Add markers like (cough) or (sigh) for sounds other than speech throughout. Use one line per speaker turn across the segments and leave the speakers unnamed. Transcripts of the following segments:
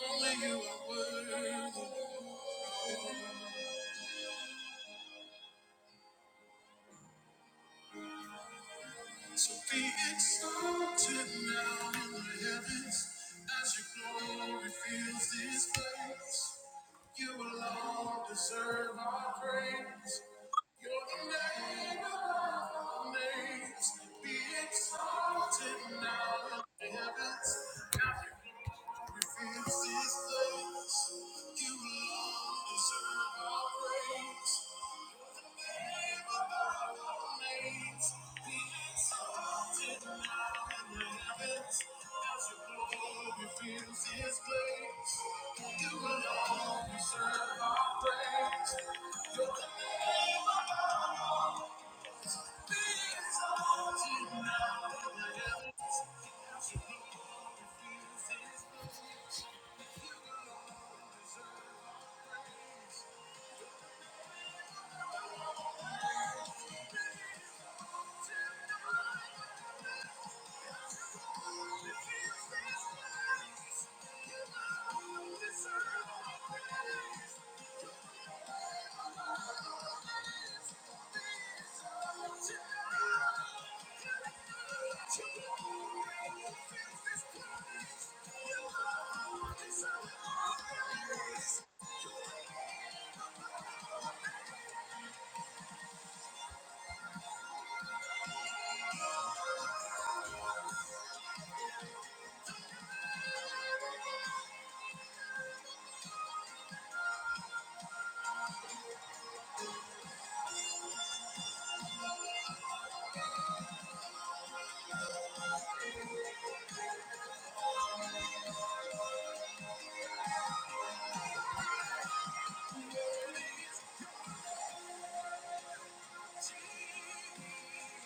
Only you are worthy. So be exalted now in the heavens as your glory fills this place. You alone deserve our praise. You're the name above all names. Be exalted now in the heavens as your glory fills this place. You alone deserve our praise.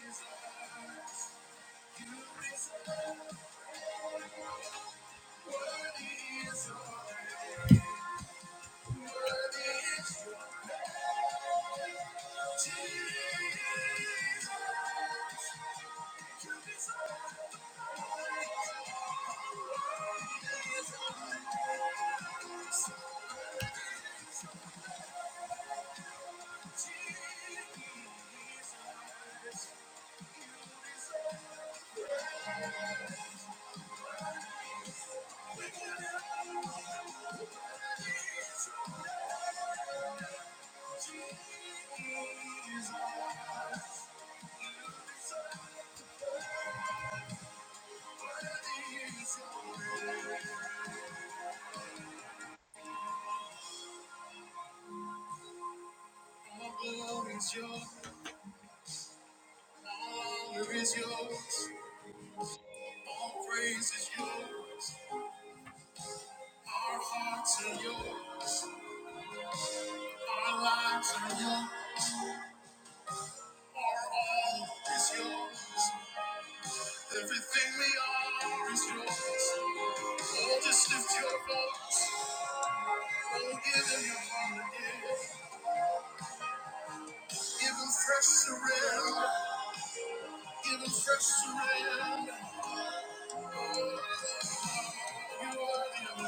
Thank you. All All All all glory is is is is yours. yours. yours. yours. yours. yours. honor praise Our Our Our hearts are are lives are yours, our all is yours, Everything we are is yours. Oh, just lift your voice. Give him fresh surrender. Give him fresh surrender. You are him.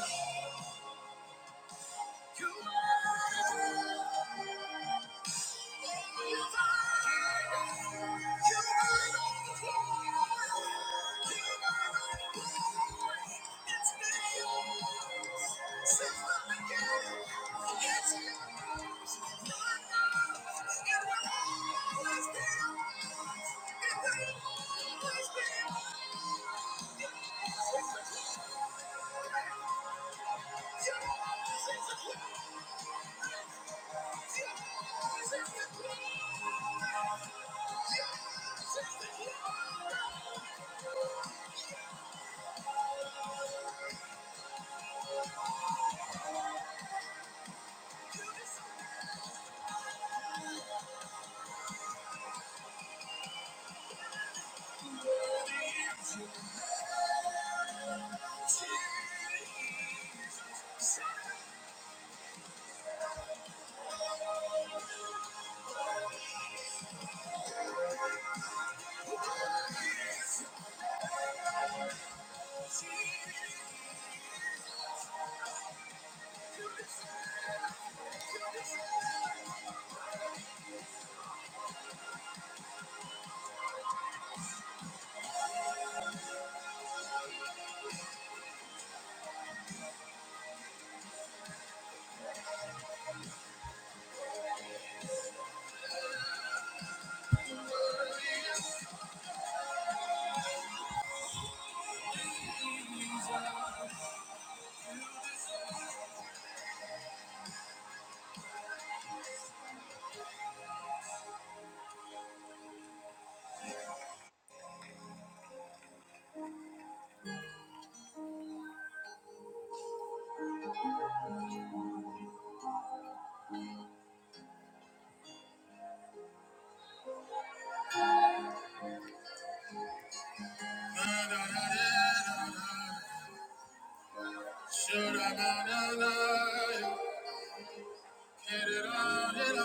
Na na na na na na. Shoulda na na na. Get it on, it on.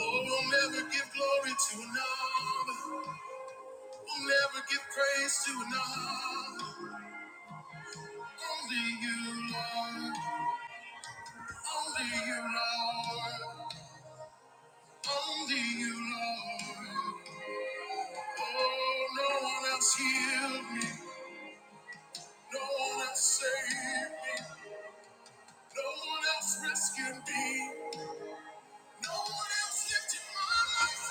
Oh, we'll never give glory to another. We'll never give praise to another. Only you, Lord. Only you, Lord. Only you, Lord. Oh, no one else healed me. No one else saved me. No one else rescued me. No one else lifted my life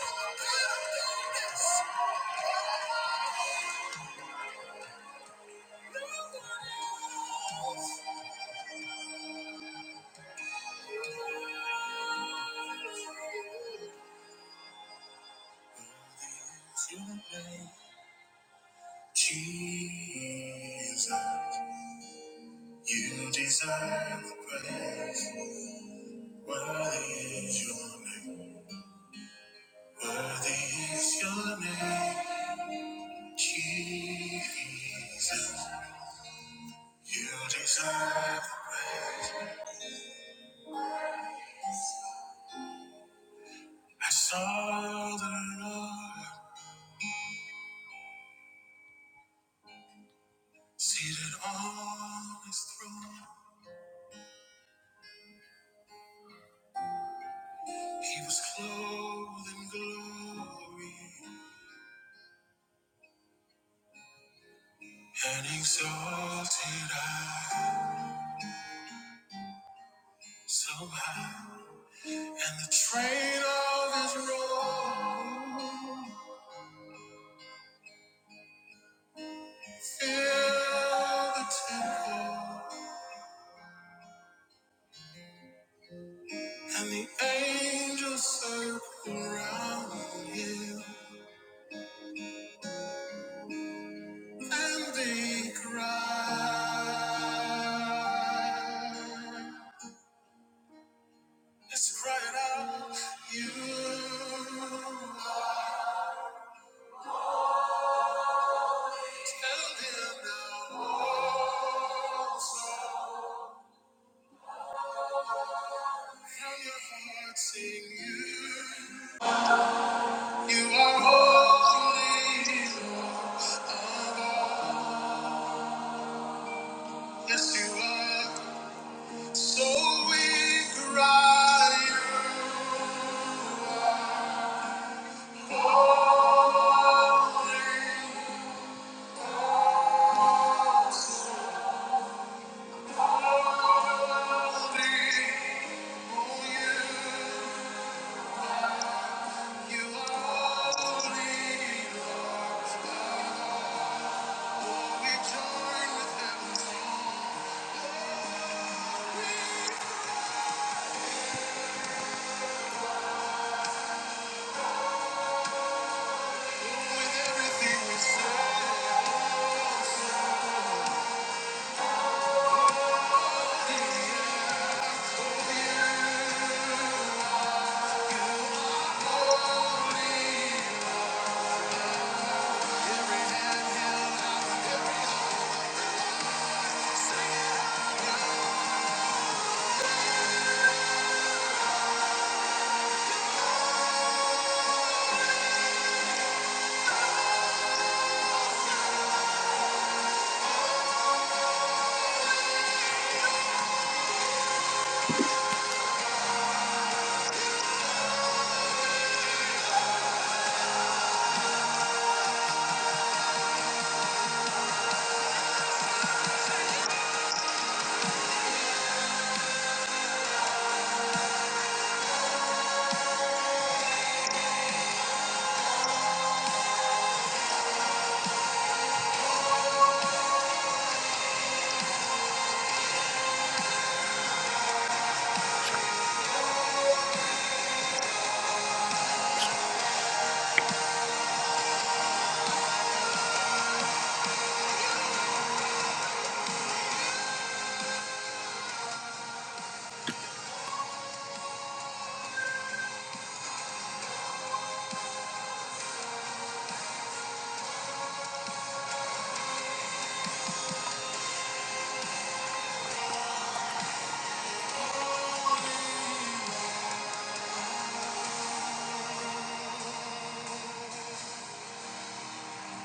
from a pit of darkness. Your name, Jesus, you deserve praise. Worthy is your name. Worthy is your name, Jesus. You deserve the praise. I saw the Lord seated on his throne. He was clothed in glory and exalted high, so high. And the train of his robe filled the temple, and the angels circled around him. And they cried. Let's cry it out. You are standing now. From your heart, sing you. You are holy. Lord. Yes, you are. So we cry. out. Oh, you. You only we join with heaven's song. With everything we say, every hand held out, every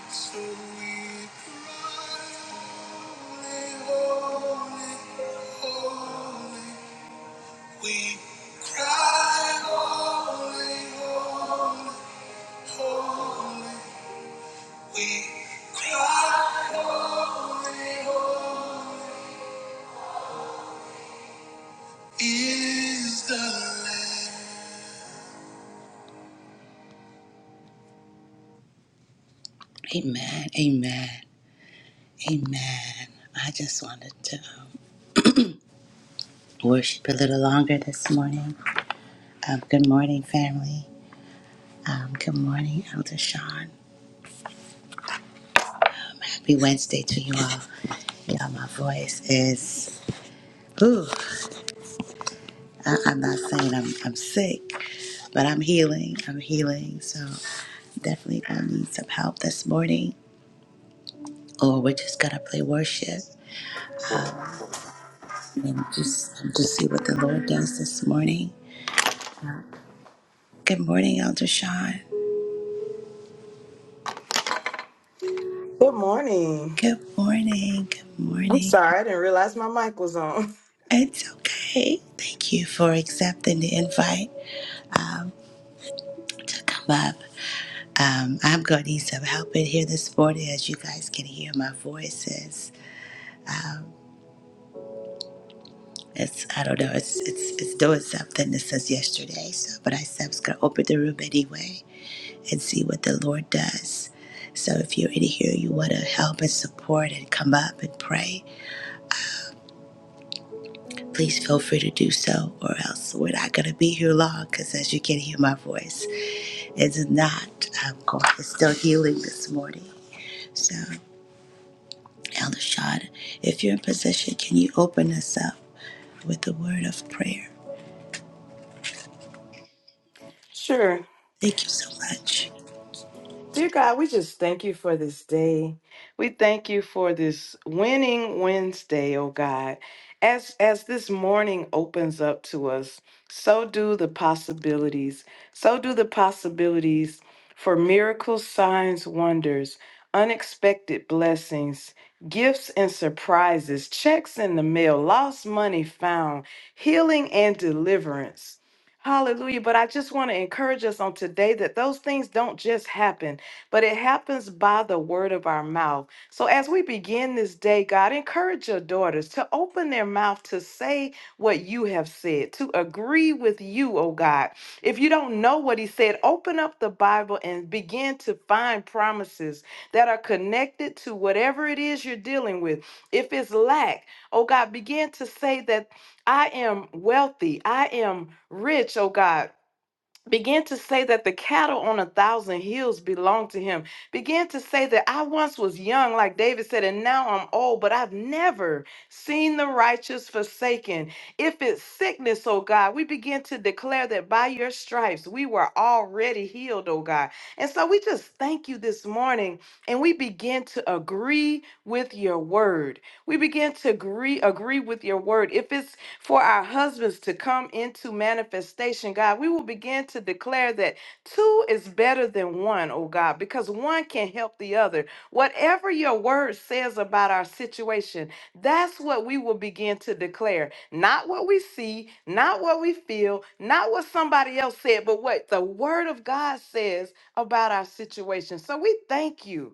so we cry, holy, holy, holy. We cry, holy, holy, holy. We cry, holy, holy is the Lamb. Amen, amen, amen. I just wanted to um, worship a little longer this morning. Um, good morning, family. Um, good morning, Elder Sean. Happy Wednesday to you all. Y'all, my voice is. Ooh. I, I'm not saying I'm, I'm sick, but I'm healing. I'm healing. So definitely I need some help this morning, or we're just gonna play worship and just just see what the Lord does this morning. Good morning, Elder Sean.
Good morning.
Good morning. Good
I'm
morning.
sorry, I didn't realize my mic was on. (laughs)
It's okay. Thank you for accepting the invite um, to come up. Um, I'm gonna need some help in here this morning, as you guys can hear my voices. It's I don't know. It's it's it's doing something that says yesterday. So, but I said I was gonna open the room anyway and see what the Lord does. So, if you're in here, you want to help and support and come up and pray, please feel free to do so, or else we're not gonna be here long. Because as you can hear, my voice is not. I'm going. It's still healing this morning. So, Elder Shad, if you're in position, can you open us up with the word of prayer?
Sure.
Thank you so much.
Dear God, we just thank you for this day. We thank you for this winning Wednesday, oh God. As as this morning opens up to us, so do the possibilities. So do the possibilities for miracles, signs, wonders, unexpected blessings, gifts and surprises, checks in the mail, lost money found, healing and deliverance. Hallelujah. But I just want to encourage us on today that those things don't just happen but it happens by the word of our mouth. So as we begin this day, God, encourage your daughters to open their mouth to say what you have said, to agree with you, oh God. If you don't know what he said, open up the Bible and begin to find promises that are connected to whatever it is you're dealing with. If it's lack, oh God, begin to say that I am wealthy, I am rich, oh God. Begin to say that the cattle on a thousand hills belong to him. Begin to say that I once was young, like David said, and now I'm old, but I've never seen the righteous forsaken. If it's sickness, oh God, we begin to declare that by your stripes we were already healed, oh God. And so we just thank you this morning and we begin to agree with your word. We begin to agree, agree with your word. If it's for our husbands to come into manifestation, God. We will begin to declare that two is better than one, oh God, because one can help the other. Whatever your word says about our situation, that's what we will begin to declare. Not what we see, not what we feel, not what somebody else said, but what the word of God says about our situation. So we thank you.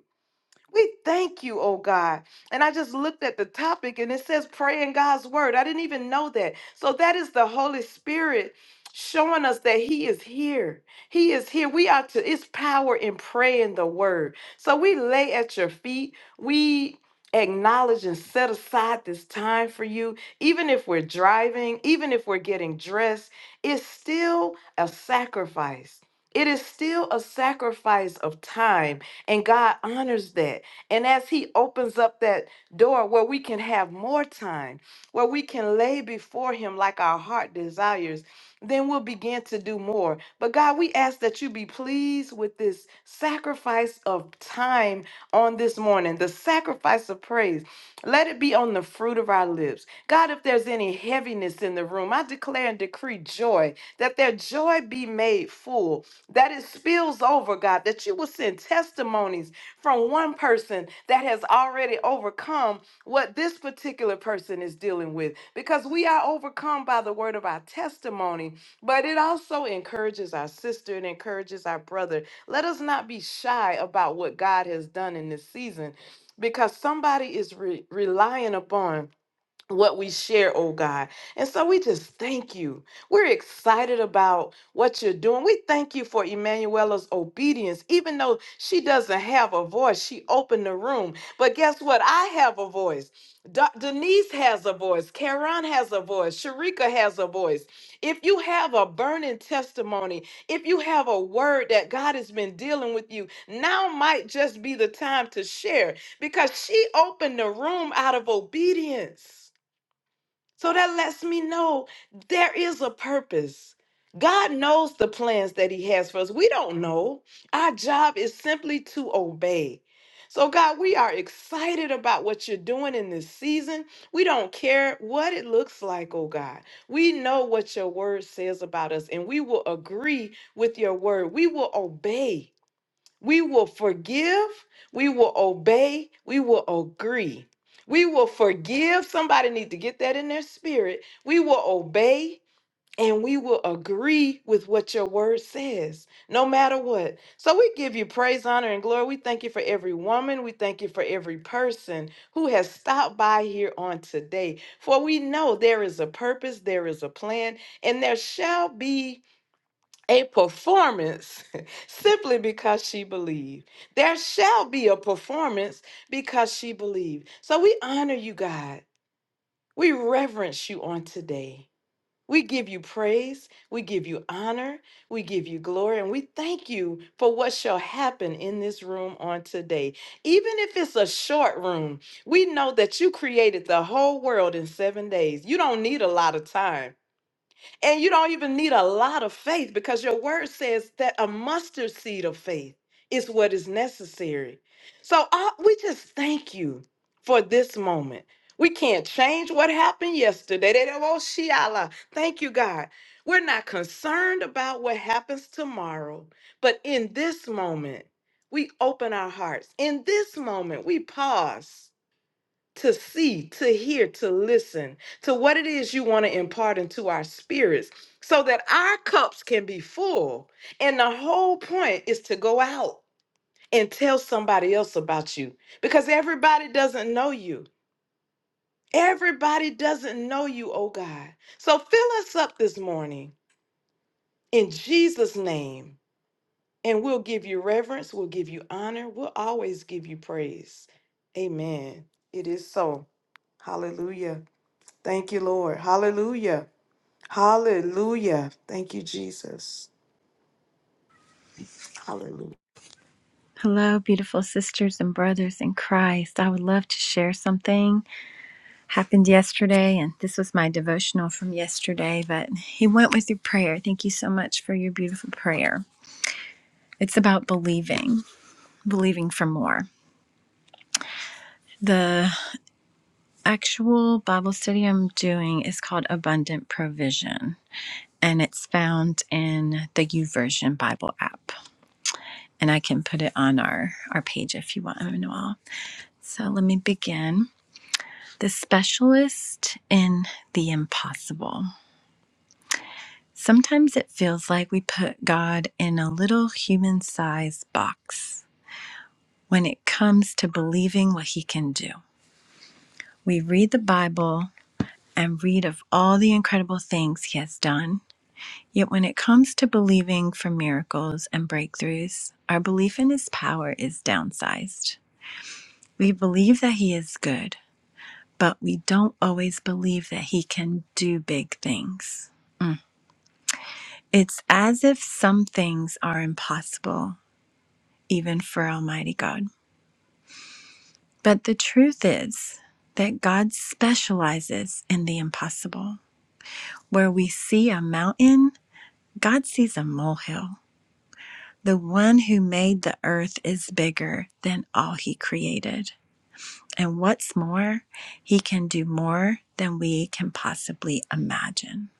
We thank you, oh God. And I just looked at the topic and it says pray in God's word. I didn't even know that. So that is the Holy Spirit showing us that he is here. He is here. We are to it's power in praying the word. So we lay at your feet. We acknowledge and set aside this time for you. Even if we're driving, even if we're getting dressed, it's still a sacrifice. It is still a sacrifice of time. And God honors that. And as He opens up that door where we can have more time, where we can lay before Him like our heart desires, then we'll begin to do more. But God, we ask that you be pleased with this sacrifice of time on this morning, the sacrifice of praise. Let it be on the fruit of our lips. God, if there's any heaviness in the room, I declare and decree joy, that their joy be made full, that it spills over, God, that you will send testimonies from one person that has already overcome what this particular person is dealing with because we are overcome by the word of our testimony, but it also encourages our sister and encourages our brother. Let us not be shy about what God has done in this season because somebody is re- relying upon what we share, oh God. And so we just thank you. We're excited about what you're doing. We thank you for Emanuela's obedience. Even though she doesn't have a voice, she opened the room. But guess what? I have a voice. Da- Denise has a voice. Karen has a voice. Sharika has a voice. If you have a burning testimony, if you have a word that God has been dealing with you, now might just be the time to share because she opened the room out of obedience. So that lets me know there is a purpose. God knows the plans that He has for us. We don't know. Our job is simply to obey. So, God, we are excited about what you're doing in this season. We don't care what it looks like, oh God. We know what your word says about us, and we will agree with your word. We will obey. We will forgive. We will obey. We will agree. We will forgive. Somebody need to get that in their spirit. We will obey and we will agree with what your word says, no matter what. So we give you praise, honor, and glory. We thank you for every woman. We thank you for every person who has stopped by here on today. For we know there is a purpose, there is a plan, and there shall be a performance (laughs) simply because she believed. There shall be a performance because she believed. So we honor you, God. We reverence you on today. We give you praise. We give you honor. We give you glory. And we thank you for what shall happen in this room on today. Even if it's a short room, we know that you created the whole world in seven days. You don't need a lot of time. And you don't even need a lot of faith because your word says that a mustard seed of faith is what is necessary. So uh, we just thank you for this moment. We can't change what happened yesterday. They don't- oh, Shiala. Thank you, God. We're not concerned about what happens tomorrow, but in this moment, we open our hearts. In this moment, we pause to see, to hear, to listen to what it is you want to impart into our spirits so that our cups can be full. And the whole point is to go out and tell somebody else about you because everybody doesn't know you. Everybody doesn't know you, oh God. So fill us up this morning in Jesus' name, and we'll give you reverence, we'll give you honor, we'll always give you praise. Amen. It is so. Hallelujah. Thank you, Lord. Hallelujah. Hallelujah. Thank you, Jesus. Hallelujah.
Hello, beautiful sisters and brothers in Christ. I would love to share something happened yesterday, and this was my devotional from yesterday, but he went with your prayer. Thank you so much for your beautiful prayer. It's about believing, believing for more. The actual Bible study I'm doing is called Abundant Provision, and it's found in the YouVersion Bible app. And I can put it on our, our page if you want, I don't know all. So let me begin. The specialist in the impossible. Sometimes it feels like we put God in a little human sized box when it comes to believing what he can do. We read the Bible and read of all the incredible things he has done. Yet when it comes to believing for miracles and breakthroughs, our belief in his power is downsized. We believe that he is good, but we don't always believe that he can do big things. It's as if some things are impossible, even for Almighty God. But the truth is that God specializes in the impossible. Where we see a mountain, God sees a molehill. The one who made the earth is bigger than all he created. And what's more, he can do more than we can possibly imagine.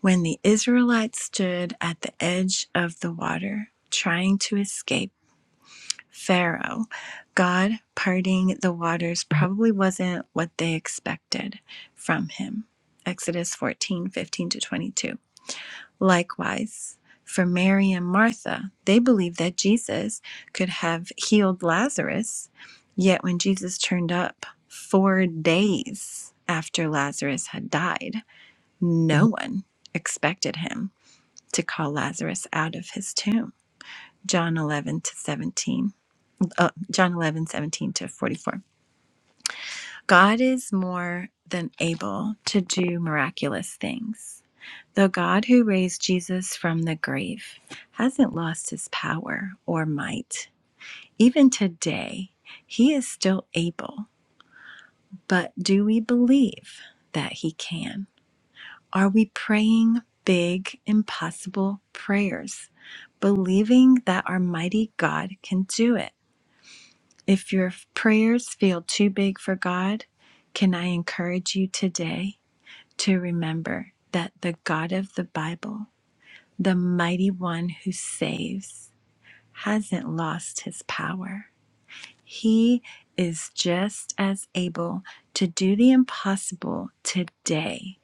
When the Israelites stood at the edge of the water, trying to escape, Pharaoh. God parting the waters probably wasn't what they expected from him. Exodus 14 15 to 22. Likewise, for Mary and Martha, they believed that Jesus could have healed Lazarus, yet when Jesus turned up four days after Lazarus had died, no one expected him to call Lazarus out of his tomb. John 11 to 17 uh, John 11 17 to 44. God is more than able to do miraculous things. The God who raised Jesus from the grave hasn't lost his power or might. Even today, he is still able. But do we believe that he can? Are we praying big, impossible prayers, believing that our mighty God can do it? If your prayers feel too big for God, can I encourage you today to remember that the God of the Bible, the mighty one who saves, hasn't lost his power. He is just as able to do the impossible today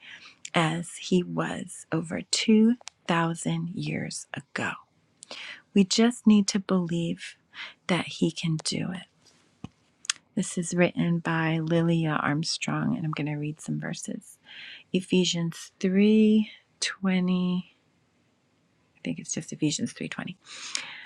as he was over 2,000 years ago. We just need to believe that he can do it. This is written by Lilia Armstrong, and I'm going to read some verses. Ephesians 3:20. I think it's just Ephesians 3:20.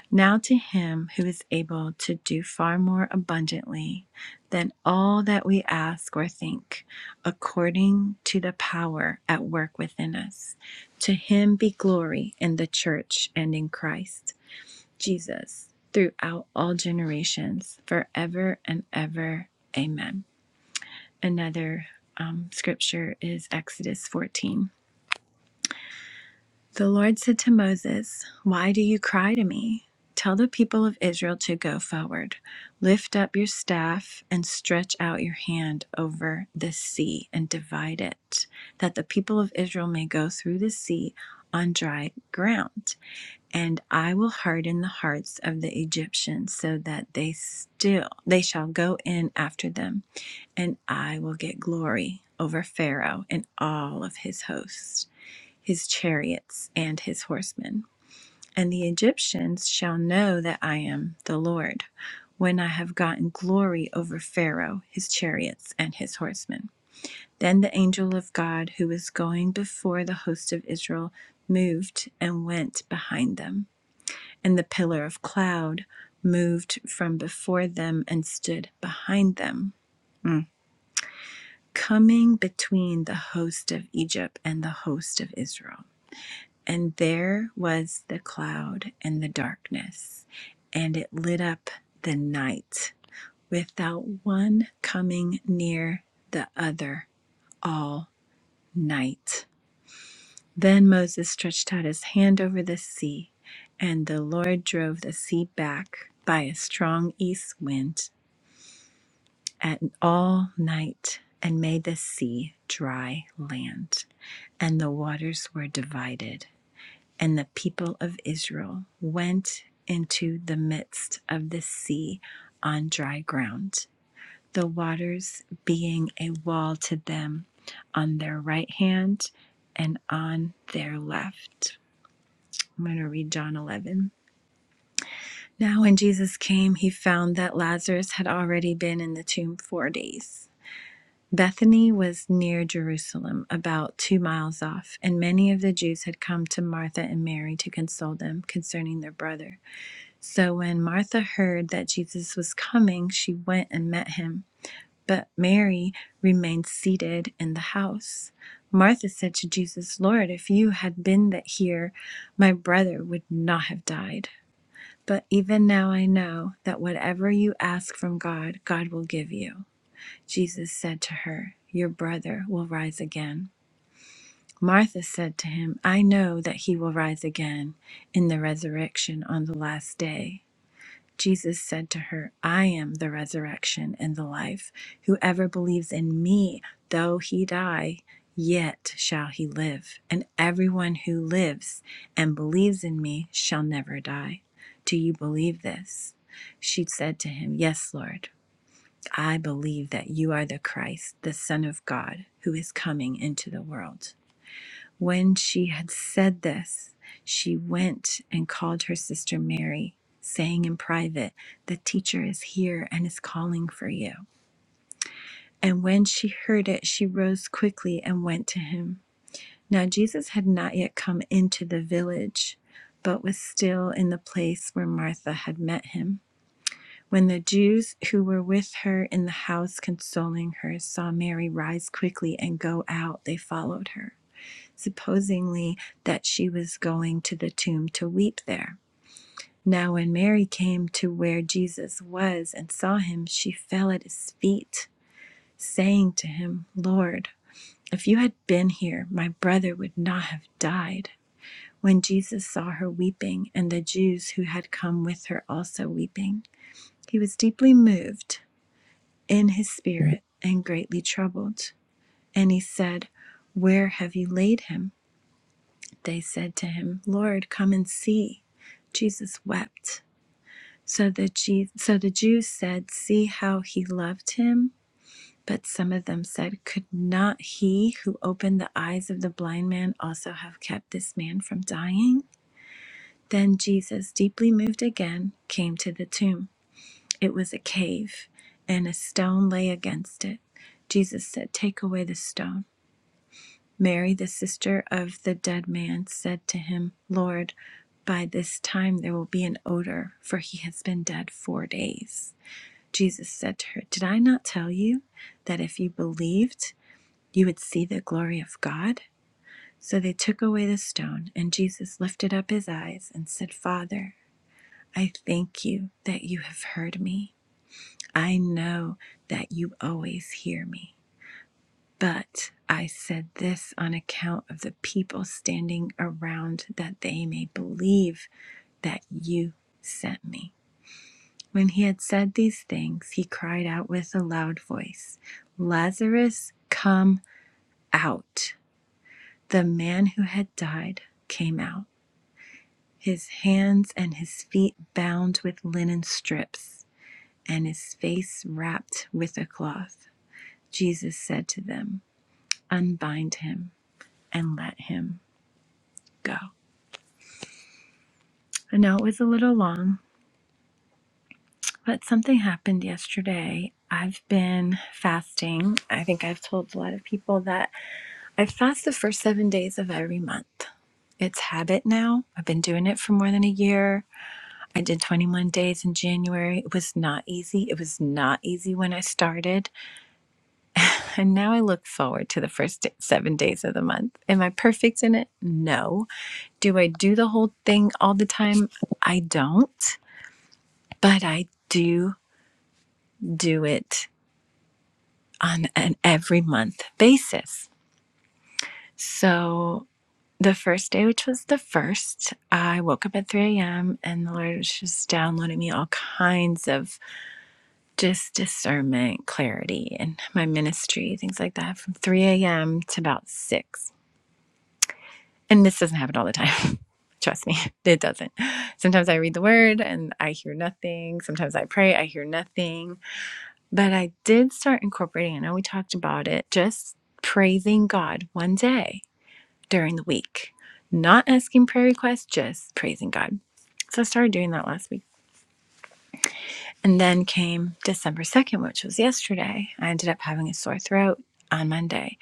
Now to him who is able to do far more abundantly than all that we ask or think, according to the power at work within us. To him be glory in the church and in Christ Jesus throughout all generations, forever and ever. Amen. Another um, scripture is Exodus 14. The Lord said to Moses, Why do you cry to me? Tell the people of Israel to go forward. Lift up your staff and stretch out your hand over the sea and divide it, that the people of Israel may go through the sea on dry ground. And I will harden the hearts of the Egyptians so that they still they shall go in after them and I will get glory over Pharaoh and all of his hosts, his chariots, and his horsemen. And the Egyptians shall know that I am the Lord when I have gotten glory over Pharaoh, his chariots, and his horsemen. Then the angel of God, who was going before the host of Israel, moved and went behind them. And the pillar of cloud moved from before them and stood behind them coming between the host of Egypt and the host of Israel. And there was the cloud and the darkness, and it lit up the night without one coming near the other all night. Then Moses stretched out his hand over the sea, and the Lord drove the sea back by a strong east wind. at all night and made the sea dry land. And the waters were divided. And the people of Israel went into the midst of the sea on dry ground, the waters being a wall to them on their right hand and on their left. I'm going to read John 11. Now, when Jesus came, he found that Lazarus had already been in the tomb four days. Bethany was near Jerusalem, about two miles off, and many of the Jews had come to Martha and Mary to console them concerning their brother. So when Martha heard that Jesus was coming, she went and met him. But Mary remained seated in the house. Martha said to Jesus, Lord, if you had been that here, my brother would not have died. But even now I know that whatever you ask from God, God will give you. Jesus said to her, Your brother will rise again. Martha said to him, I know that he will rise again in the resurrection on the last day. Jesus said to her, I am the resurrection and the life. Whoever believes in me, though he die, yet shall he live. And everyone who lives and believes in me shall never die. Do you believe this? She said to him, Yes, Lord. I believe that you are the Christ, the Son of God, who is coming into the world. When she had said this, she went and called her sister Mary, saying in private, The teacher is here and is calling for you. And when she heard it, she rose quickly and went to him. Now Jesus had not yet come into the village, but was still in the place where Martha had met him. When the Jews who were with her in the house consoling her saw Mary rise quickly and go out, they followed her, supposingly that she was going to the tomb to weep there. Now, when Mary came to where Jesus was and saw him, she fell at his feet, saying to him, Lord, if you had been here, my brother would not have died. When Jesus saw her weeping, and the Jews who had come with her also weeping, he was deeply moved in his spirit and greatly troubled. And he said, Where have you laid him? They said to him, Lord, come and see. Jesus wept. So the, Je- so the Jews said, See how he loved him? But some of them said, Could not he who opened the eyes of the blind man also have kept this man from dying? Then Jesus, deeply moved again, came to the tomb. It was a cave, and a stone lay against it. Jesus said, Take away the stone. Mary, the sister of the dead man, said to him, Lord, by this time there will be an odor, for he has been dead four days. Jesus said to her, Did I not tell you that if you believed, you would see the glory of God? So they took away the stone, and Jesus lifted up his eyes and said, Father, I thank you that you have heard me. I know that you always hear me. But I said this on account of the people standing around that they may believe that you sent me. When he had said these things, he cried out with a loud voice, Lazarus, come out. The man who had died came out, his hands and his feet bound with linen strips, and his face wrapped with a cloth. Jesus said to them, unbind him and let him go. I know it was a little long, but something happened yesterday. I've been fasting. I think I've told a lot of people that I fast the first seven days of every month. It's habit now. I've been doing it for more than a year. I did 21 days in January. It was not easy. It was not easy when I started. And now I look forward to the first seven days of the month. Am I perfect in it? No. Do I do the whole thing all the time? I don't. But I do do it on an every month basis. So the first day, which was the first, I woke up at 3 a.m. and the Lord was just downloading me all kinds of just discernment, clarity, and my ministry, things like that from 3 a.m. to about 6 And this doesn't happen all the time. (laughs) Trust me, it doesn't. Sometimes I read the word and I hear nothing. Sometimes I pray, I hear nothing. But I did start incorporating, I know we talked about it, just praising God one day during the week, not asking prayer requests, just praising God. So I started doing that last week. And then came December 2nd, which was yesterday. I ended up having a sore throat on Monday.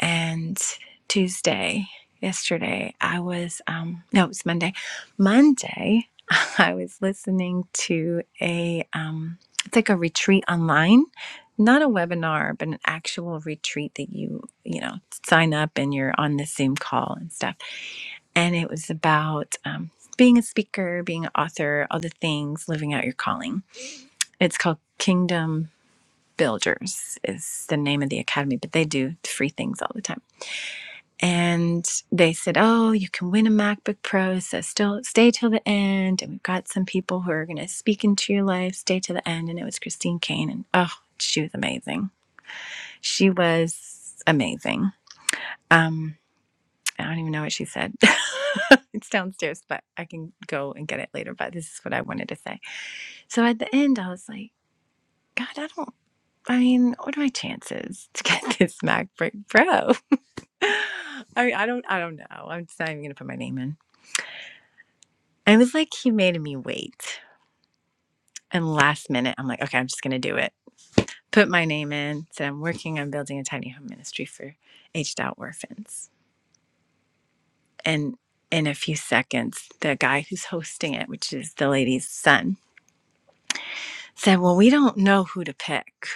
and Tuesday, yesterday, I was, um, no, it was Monday. Monday, (laughs) I was listening to a, um, it's like a retreat online, not a webinar, but an actual retreat that you, you know, sign up and you're on the Zoom call and stuff. And it was about um, being a speaker, being an author, all the things, living out your calling. It's called Kingdom Builders, is the name of the academy, but they do free things all the time and they said, "Oh, you can win a MacBook Pro, so still stay till the end." And we've got some people who are going to speak into your life. Stay till the end, and it was Christine Kane, and oh, she was amazing. She was amazing. Um, I don't even know what she said. (laughs) it's downstairs, but I can go and get it later. But this is what I wanted to say. So at the end, I was like, "God, I don't." I mean, what are my chances to get (laughs) this MacBook Pro? (laughs) I mean, I don't, I don't know. I'm just not even gonna put my name in I was like, he made me wait. And last minute, I'm like, okay, I'm just going to do it. Put my name in. Said, I'm working on building a tiny home ministry for aged out orphans. And in a few seconds, the guy who's hosting it, which is the lady's son, said, well, we don't know who to pick,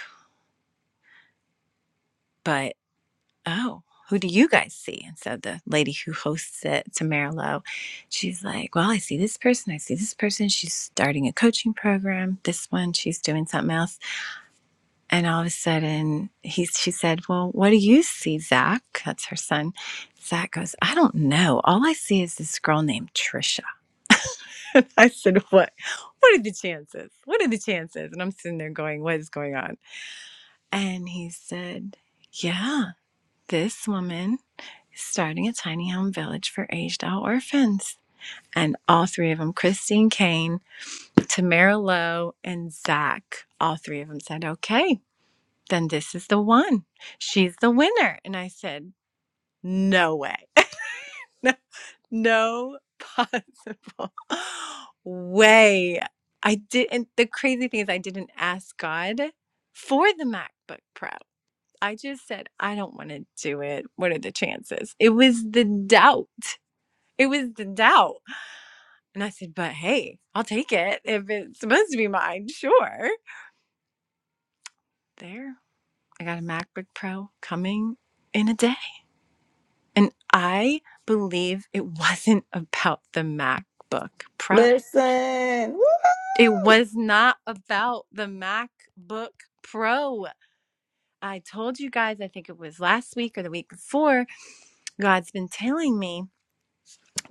but oh, who do you guys see? And so the lady who hosts it, Tamara Lowe, she's like, well, I see this person. I see this person. She's starting a coaching program. This one, she's doing something else And all of a sudden, he, she said, Well, what do you see, Zach? That's her son. Zach goes, I don't know. All I see is this girl named Trisha. (laughs) And I said, What? What are the chances? What are the chances? And I'm sitting there going, What is going on? And he said, Yeah, this woman is starting a tiny home village for aged out orphans. And all three of them, Christine Kane, Tamara Lowe, and Zach, all three of them said, Okay, then this is the one. She's the winner. And I said, no way. (laughs) no possible (laughs) way. I didn't, the crazy thing is, I didn't ask God for the MacBook Pro. I just said, I don't want to do it. What are the chances? It was the doubt. It was the doubt. And I said, but hey, I'll take it. If it's supposed to be mine, sure. There, I got a MacBook Pro coming in a day. And I believe it wasn't about the MacBook Pro.
Listen. Woo!
It was not about the MacBook Pro. I told you guys, I think it was last week or the week before, God's been telling me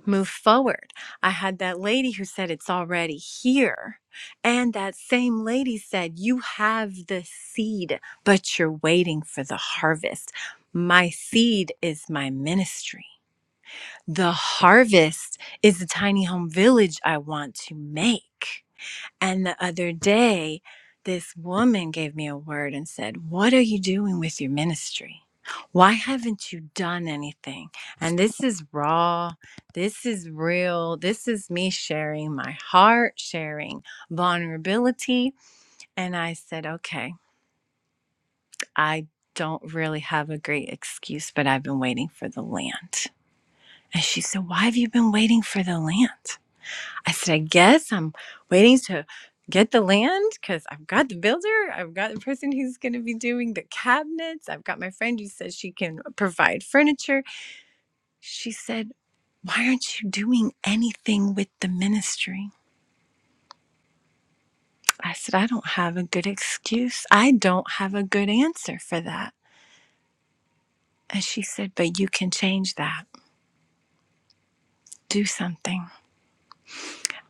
move forward. I had that lady who said it's already here. And that same lady said, You have the seed, but you're waiting for the harvest. My seed is my ministry. The harvest is the tiny home village I want to make. And the other day, this woman gave me a word and said, What are you doing with your ministry? Why haven't you done anything? And this is raw. This is real. This is me sharing my heart, sharing vulnerability. And I said, Okay, I don't really have a great excuse, but I've been waiting for the land. And she said, Why have you been waiting for the land? I said, I guess I'm waiting to get the land because I've got the builder, I've got the person who's going to be doing the cabinets, I've got my friend who says she can provide furniture. She said, Why aren't you doing anything with the ministry? I said, I don't have a good excuse. I don't have a good answer for that. And she said, But you can change that. Do something.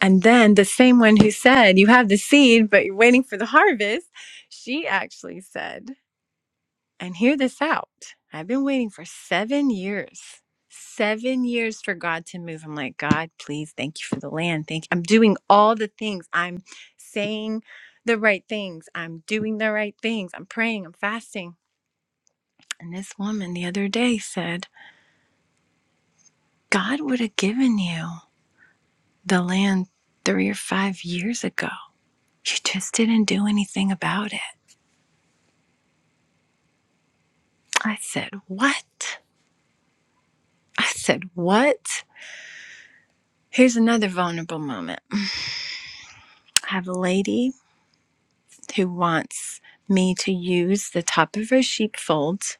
And then the same one who said, You have the seed, but you're waiting for the harvest, she actually said. And hear this out. I've been waiting for seven years, seven years for God to move. I'm like, God, please, thank you for the land. Thank you. I'm doing all the things. I'm saying the right things. I'm doing the right things. I'm praying. I'm fasting. And this woman the other day said, God would have given you the land three or five years ago. You just didn't do anything about it. I said, What? I said, What? Here's another vulnerable moment. I have a lady. who wants me to use the top of her sheepfold.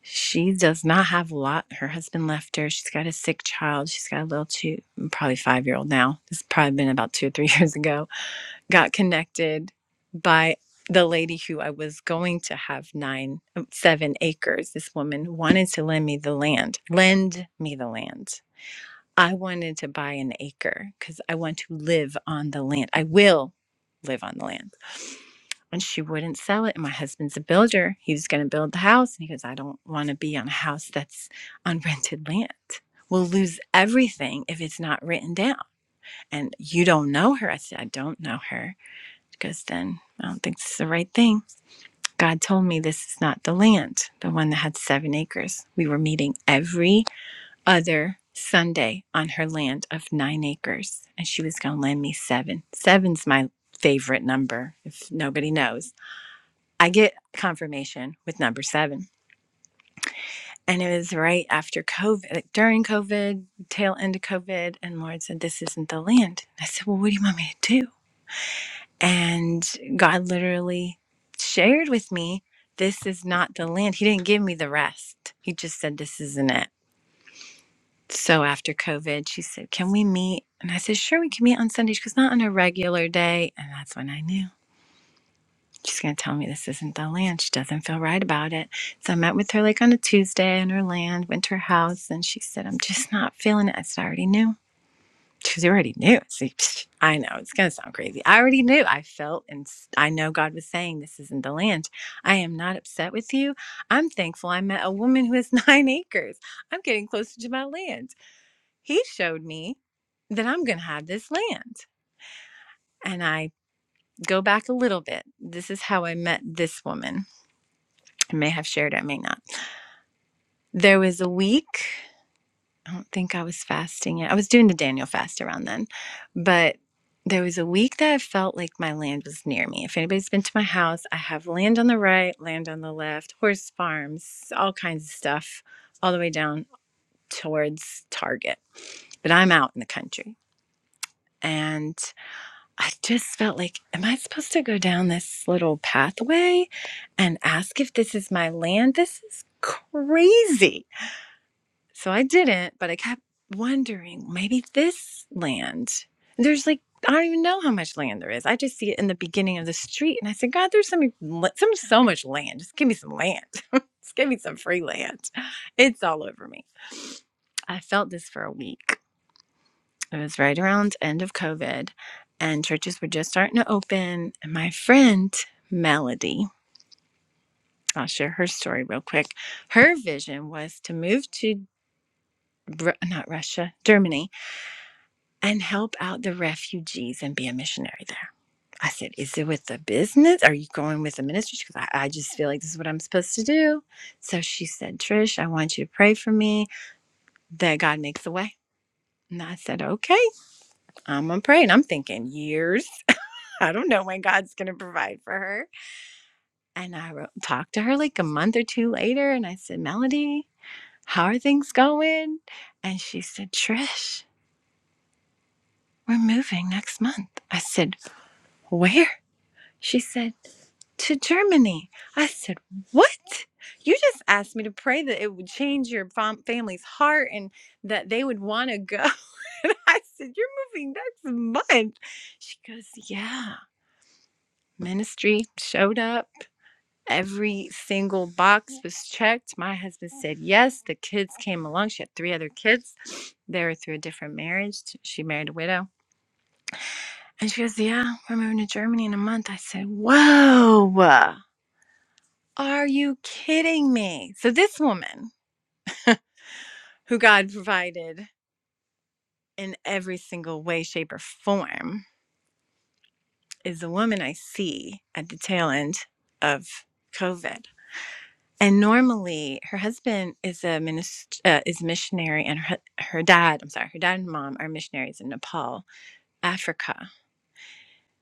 She does not have a lot. Her husband left her. She's got a sick child. She's got a little two, probably five year old now. This has probably been about two or three (laughs) years ago. Got connected by the lady who I was going to have nine, seven acres. This woman wanted to lend me the land, lend me the land. I wanted to buy an acre because I want to live on the land. I will live on the land. And she wouldn't sell it. And my husband's a builder. He was going to build the house. And he goes, I don't want to be on a house that's on (laughs) rented land. We'll lose everything if it's not written down. And you don't know her. I said, I don't know her. Because then I don't think this is the right thing. God told me this is not the land, the one that had seven acres. We were meeting every other Sunday on her land of nine acres, and she was going to lend me seven. Seven's my favorite number, if nobody knows. I get confirmation with number seven. And it was right after COVID, like during COVID, tail end of COVID. And Lord said, This isn't the land. I said, Well, what do you want me to do? And God literally shared with me, This is not the land. He didn't give me the rest. He just said, This isn't it. so after COVID, she said, Can we meet? And I said, Sure, we can meet on Sunday. She goes, Not on a regular day. And that's when I knew she's going to tell me this isn't the land. She doesn't feel right about it. So I met with her like on a Tuesday in her land, went to her house, and she said, I'm just not feeling it. I said, I already knew. She goes, You already knew. (laughs) I said, "Psh, I know it's going to sound crazy. I already knew. I felt and s- I know God was saying this isn't the land. I am not upset with you. I'm thankful I met a woman who has (laughs) nine acres. I'm getting closer to my land he showed me that I'm going to have this land. And I go back a little bit. This is how I met this woman. I may have shared, I may not. There was a week, I don't think I was fasting yet. I was doing the Daniel fast around then, but there was a week that I felt like my land was near me. If anybody's been to my house, I have land on the right, land on the left, horse farms, all kinds of stuff, all the way down towards Target. But I'm out in the country. And I just felt like, am I supposed to go down this little pathway and ask if this is my land? This is crazy. So I didn't, but I kept wondering maybe this land. There's like, I don't even know how much land there is. I just see it in the beginning of the street. And I said, God, there's so, many, so, so much land. Just give me some land. (laughs) just give me some free land. It's all over me. I felt this for a week. It was right around the end of COVID, and churches were just starting to open. And my friend Melody, I'll share her story real quick. Her vision was to move to Ru- not Russia, Germany, and help out the refugees and be a missionary there. I said, "Is it with the business? Are you going with the ministry?" She goes, I, "I just feel like this is what I'm supposed to do." So she said, "Trish, I want you to pray for me that God makes a way." And I said, "Okay, I'm gonna pray." And I'm thinking years I don't know when God's going to provide for her. And I wrote, talked to her like a month or two later and I said, Melody, how are things going? And she said, Trish, we're moving next month. I said, Where? She said, To Germany. I said, What? You just asked me to pray that it would change your fam- family's heart and that they would want to go. (laughs) and I said, You're moving next month. She goes, Yeah. Ministry showed up Every single box was checked. My husband said yes. The kids came along. She had three other kids. They were through a different marriage. She married a widow. And she goes, Yeah, we're moving to Germany in a month. I said, Whoa, are you kidding me? So, this woman who God provided in every single way, shape, or form is the woman I see at the tail end of COVID. and normally her husband is a minister uh, is missionary and her, her dad i'm sorry her dad and mom are missionaries in nepal africa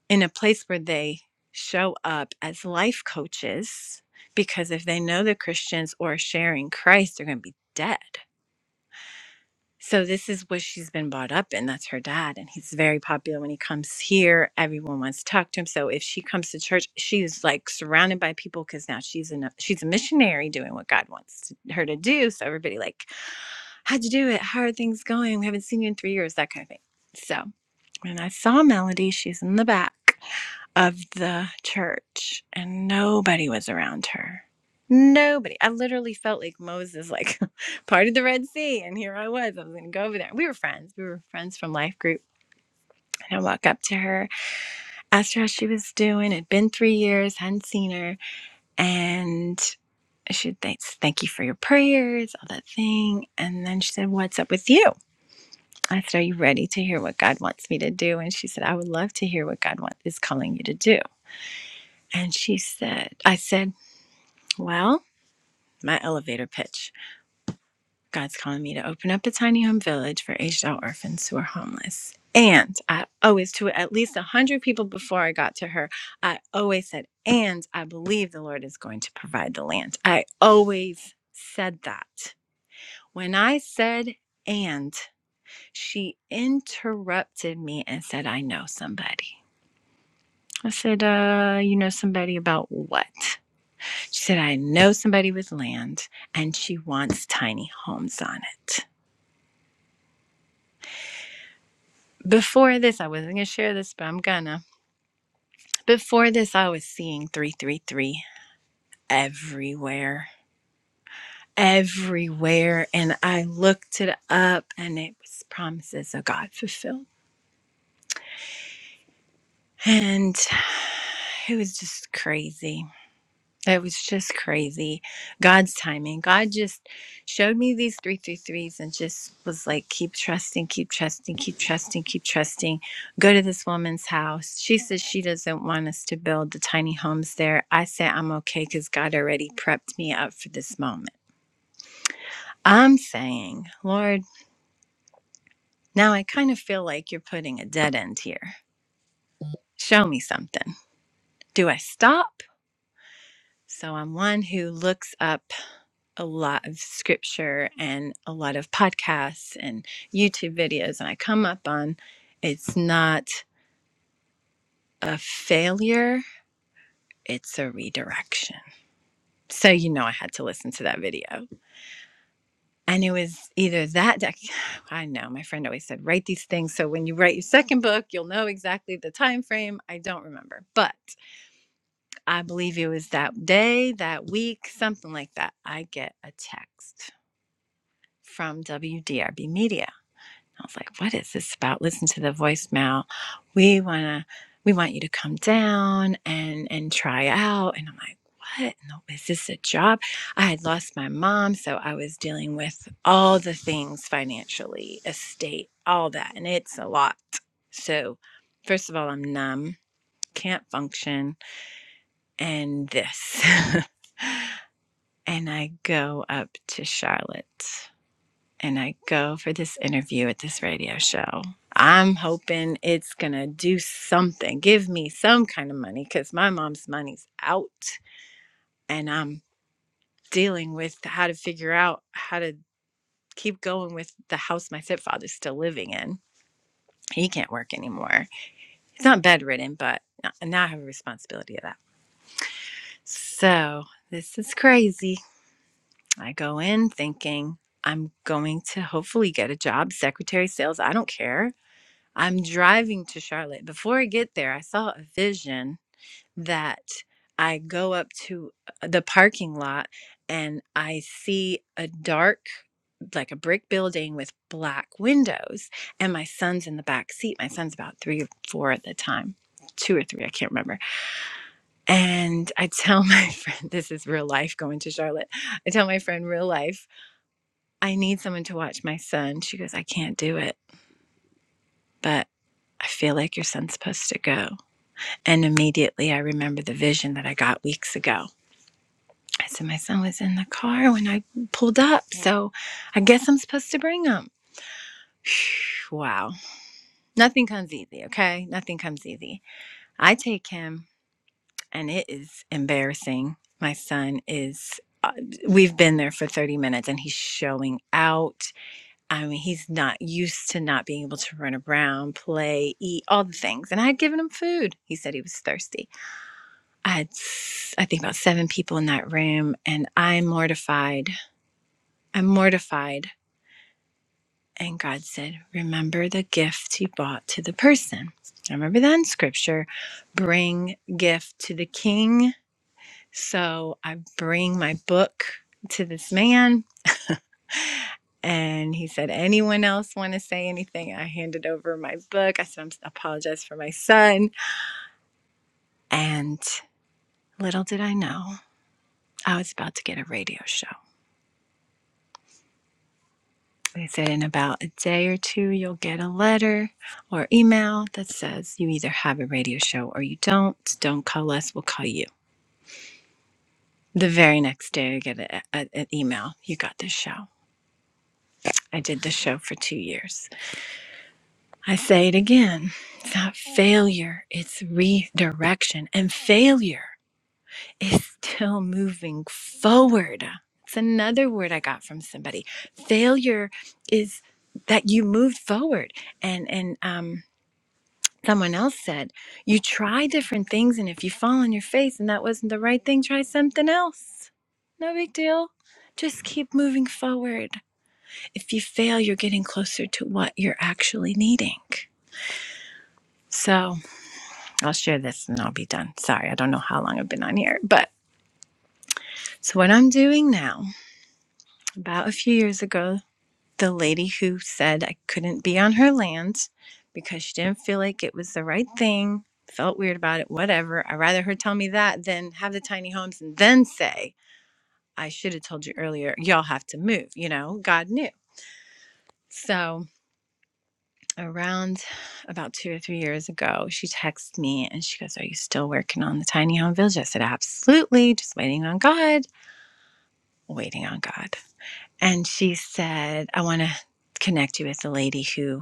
in a place where they show up as life coaches because if they know the christians or sharing christ they're going to be dead so this is what she's been brought up in. That's her dad, and he's very popular when he comes here. Everyone wants to talk to him. So if she comes to church, she's like surrounded by people because now she's in a, she's a missionary doing what God wants to- her to do. So everybody like, how'd you do it? How are things going? We haven't seen you in three years, that kind of thing. So when I saw Melody, she's in the back of the church and nobody was around her. Nobody. I literally felt like Moses, like (laughs) parted the Red Sea, and here I was. I was going to go over there. We were friends. We were friends from life group. And I walked up to her, asked her how she was doing. It'd been three years, hadn't seen her. And she thanks, thank you for your prayers, all that thing. And then she said, What's up with you? I said, Are you ready to hear what God wants me to do? And she said, I would love to hear what God wants is calling you to do. And she said, I said, Well, my elevator pitch. God's calling me to open up a tiny home village for aged out orphans who are homeless. And I always, to at least 100 people before I got to her, I always said, and I believe the Lord is going to provide the land. I always said that. When I said, and she interrupted me and said, I know somebody. I said, uh, you know somebody about what? She said, I know somebody with land and she wants tiny homes on it. Before this, I wasn't going to share this, but I'm gonna. Before this, I was seeing 333 everywhere, everywhere. And I looked it up and it was promises of God fulfilled. And it was just crazy. It was just crazy. God's timing. God just showed me these three, three, threes, and just was like, keep trusting, keep trusting, keep trusting, keep trusting. Go to this woman's house. She says she doesn't want us to build the tiny homes there. I say I'm okay because God already prepped me up for this moment. I'm saying, Lord, now I kind of feel like you're putting a dead end here. Show me something. Do I stop? So I'm one who looks up a lot of scripture and a lot of podcasts and YouTube videos and I come up on it's not a failure, it's a redirection. So you know I had to listen to that video. And it was either that deck (sighs) I know my friend always said write these things so when you write your second book you'll know exactly the time frame. I don't remember, but I believe it was that day, that week, something like that. I get a text from WDRB Media I was like, what is this about? Listen to the voicemail. We wanna we want you to come down and and try out. And I'm like, what? No, is this a job? I had lost my mom, so I was dealing with all the things financially, estate, all that, and it's a lot. So first of all, I'm numb, can't function, and this. (laughs) and I go up to Charlotte and I go for this interview at this radio show. I'm hoping it's going to do something, give me some kind of money because my mom's money's out. And I'm dealing with how to figure out how to keep going with the house my stepfather's still living in. He can't work anymore. He's not bedridden, but now I have a responsibility of that. So this is crazy. I go in thinking I'm going to hopefully get a job, secretary, sales, I don't care I'm driving to Charlotte. Before I get there, I saw a vision that I go up to uh, the parking lot and I see a dark, like a brick building with black windows. And my son's in the back seat. My son's about three or four at the time, two or three, I can't remember. And I tell my (laughs) friend, this is real life going to Charlotte. I tell my friend, real life, I need someone to watch my son. She goes, I can't do it, but I feel like your son's supposed to go. And immediately I remember the vision that I got weeks ago. I said, My son was in the car when I pulled up, so I guess I'm supposed to bring him. (sighs) Wow. Nothing comes easy, okay? Nothing comes easy. I take him, and it is embarrassing. My son is, uh, we've been there for 30 minutes and he's showing out. I mean, he's not used to not being able to run around, play, eat, all the things. And I had given him food. He said he was thirsty. I had, I think, about seven people in that room, and I'm mortified. I'm mortified. And God said, Remember the gift you brought to the person. I remember that in scripture bring gift to the king. So I bring my book to this man. And he said, Anyone else want to say anything? I handed over my book. I said, I apologize for my son. And little did I know, I was about to get a radio show. They said in about a day or two, you'll get a letter or email that says you either have a radio show or you don't. Don't call us, we'll call you. The very next day, I get a, a, an email you got this show. I did the show for two years. I say it again it's not failure, it's redirection. And failure is still moving forward. It's another word I got from somebody. Failure is that you moved forward and and um Someone else said, You try different things, and if you fall on your face and that wasn't the right thing, try something else. No big deal. Just keep moving forward. If you fail, you're getting closer to what you're actually needing. So I'll share this and I'll be done. Sorry, I don't know how long I've been on here. But so, what I'm doing now, about a few years ago, the lady who said I couldn't be on her land because she didn't feel like it was the right thing, felt weird about it, whatever. I'd rather her tell me that than have the tiny homes and then say, I should have told you earlier, y'all have to move. You know, God knew. So around about two or three years ago, she texts me and she goes, Are you still working on the tiny home village? I said, Absolutely, just waiting on God, waiting on God. And she said, I want to connect you with the lady who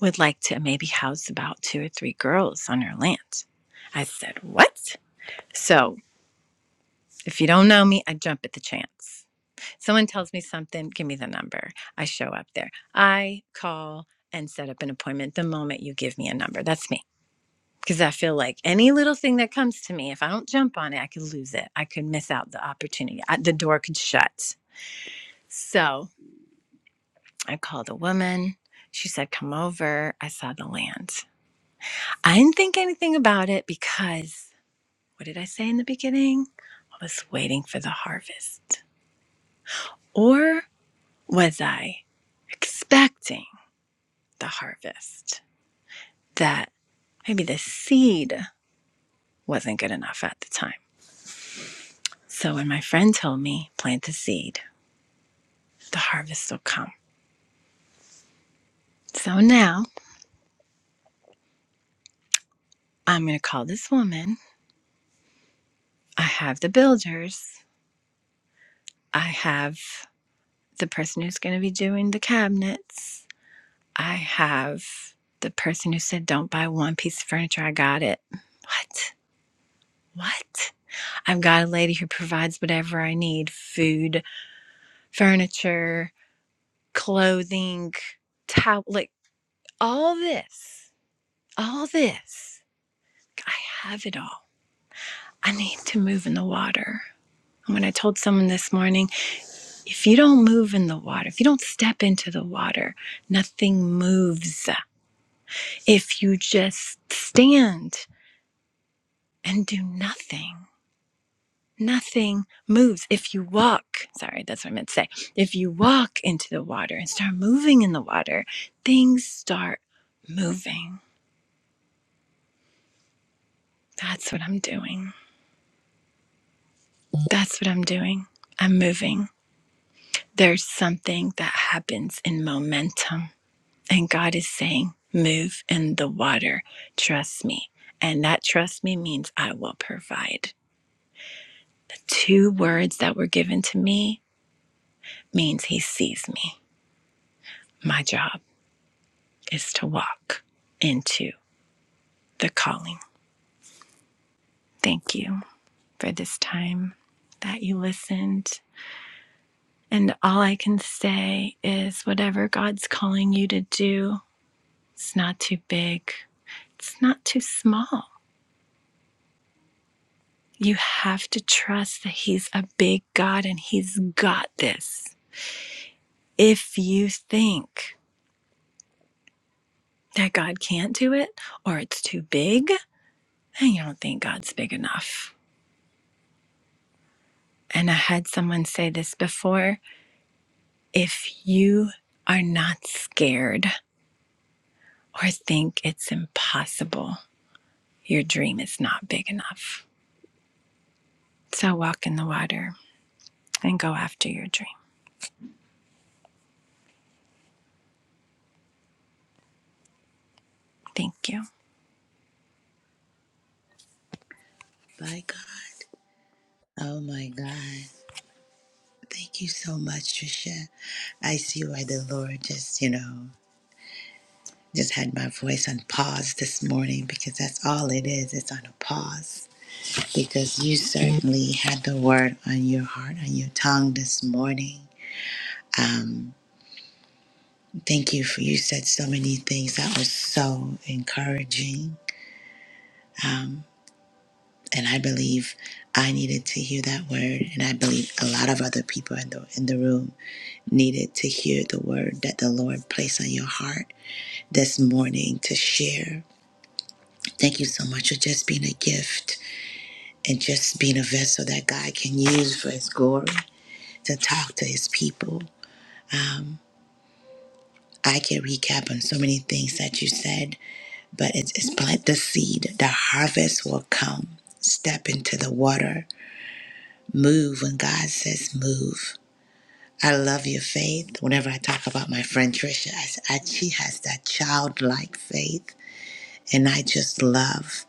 would like to maybe house about two or three girls on her land. I said, What? So if you don't know me, I jump at the chance. Someone tells me something, give me the number. I show up there. I call and set up an appointment the moment you give me a number. That's me. Because I feel like any little thing that comes to me, if I don't jump on it, I could lose it. I could miss out the opportunity. I, the door could shut. So I called a woman. She said, Come over. I saw the land. I didn't think anything about it because What did I say in the beginning? I was waiting for the harvest. Or was I expecting the harvest? That maybe the seed wasn't good enough at the time. So when my friend told me, plant the seed, the harvest will come. So now I'm going to call this woman. I have the builders. I have the person who's going to be doing the cabinets. I have the person who said, don't buy one piece of furniture. I got it. What? What? I've got a lady who provides whatever I need food, furniture, clothing, towel, like all this. All this. I have it all. I need to move in the water. And When I told someone this morning, if you don't move in the water, if you don't step into the water, nothing moves. If you just stand and do nothing, nothing moves. If you walk, sorry, that's what I meant to say. If you walk into the water and start moving in the water, things start moving. That's what I'm doing. That's what I'm doing. I'm moving. There's something that happens in momentum. And God is saying, move in the water. Trust me. And that trust me means I will provide. The Two words that were given to me means he sees me. My job. is to walk into the calling. Thank you for this time that you listened. And all I can say is whatever God's calling you to do, it's not too big, it's not too small. You have to trust that He's a big God and He's got this. If you think that God can't do it or it's too big, then you don't think God's big enough. And I had someone say this before if you are not scared or think it's impossible, your dream is not big enough. So walk in the water and go after your dream. Thank you.
By God. Oh my God. Thank you so much, Trisha. I see why the Lord just, you know, just had my voice on pause this morning because that's all it is. It's on a pause. Because you certainly had the word on your heart, on your tongue this morning. Um, thank you for you said so many things that was so encouraging. Um, and I believe I needed to hear that word, and I believe a lot of other people in the in the room needed to hear the word that the Lord placed on your heart this morning to share. Thank you so much for just being a gift and just being a vessel that God can use for His glory to talk to His people. Um, I can recap on so many things that you said, but it's, it's plant the seed. The harvest will come. Step into the water. Move when God says move I love your faith. Whenever I talk about my friend Trisha, I, s- I- she has that childlike faith, and I just love,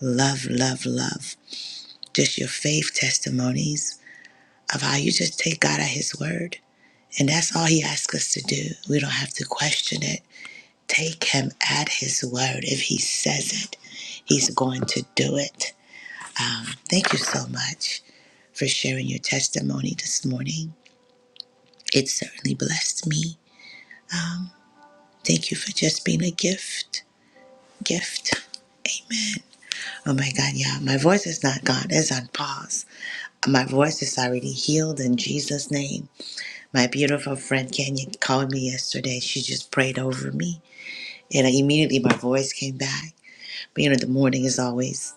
love, love, love just your faith testimonies of how you just take God at His word, and that's all He asks us to do. We don't have to question it. Take Him at His word. If He says it, He's going to do it. Um, thank you so much for sharing your testimony this morning. It certainly blessed me. Thank you for just being a gift. Gift. Amen. Oh my God, yeah. My voice is not gone. It's on pause. My voice is already healed in Jesus' name. My beautiful friend Kenya called me yesterday. She just prayed over me. And immediately my voice came back. But you know, the morning is always.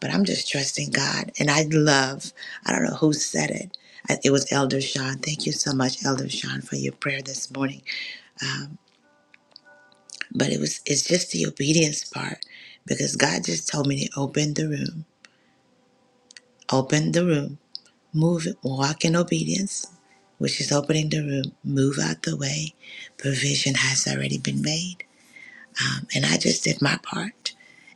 But I'm just trusting God. And I love, I don't know who said it. It was Elder Sean. Thank you so much, Elder Sean, for your prayer this morning Um, but it was it's just the obedience part because God just told me to open the room, open the room, move, it, walk in obedience, which is opening the room, move out the way. Provision has already been made, um, and I just did my part,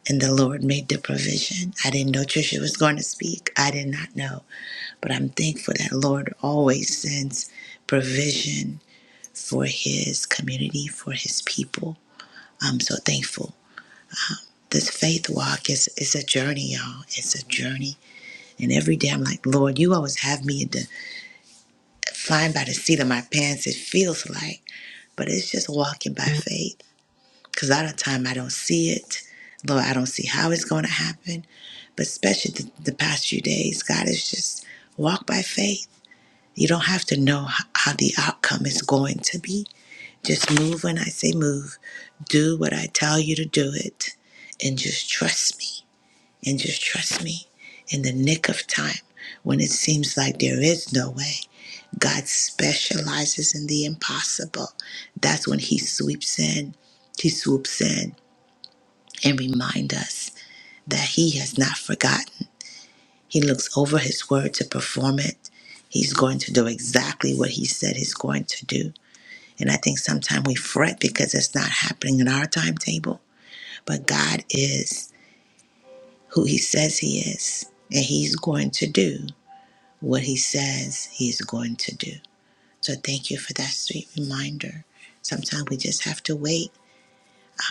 and the Lord made the provision. I didn't know Trisha was going to speak. I did not know, but I'm thankful that Lord always sends provision for His community, for His people. I'm so thankful. this faith walk is is a journey, y'all. It's a journey. And every day I'm like, Lord, you always have me at the flying by the seat of my pants, it feels like. But it's just walking by faith. Cause a lot of time I don't see it. Lord, I don't see how it's gonna happen. But especially the, the past few days, God is just walk by faith. You don't have to know how, how the outcome is going to be. Just move when I say move. Do what I tell you to do it and just trust me and just trust me in the nick of time when it seems like there is no way. God specializes in the impossible. That's when he sweeps in. He swoops in and reminds us that he has not forgotten. He looks over his word to perform it. He's going to do exactly what he said he's going to do. And I think sometimes we fret because it's not happening in our timetable. But God is who he says he is, and he's going to do what he says he's going to do. So thank you for that sweet reminder. Sometimes we just have to wait.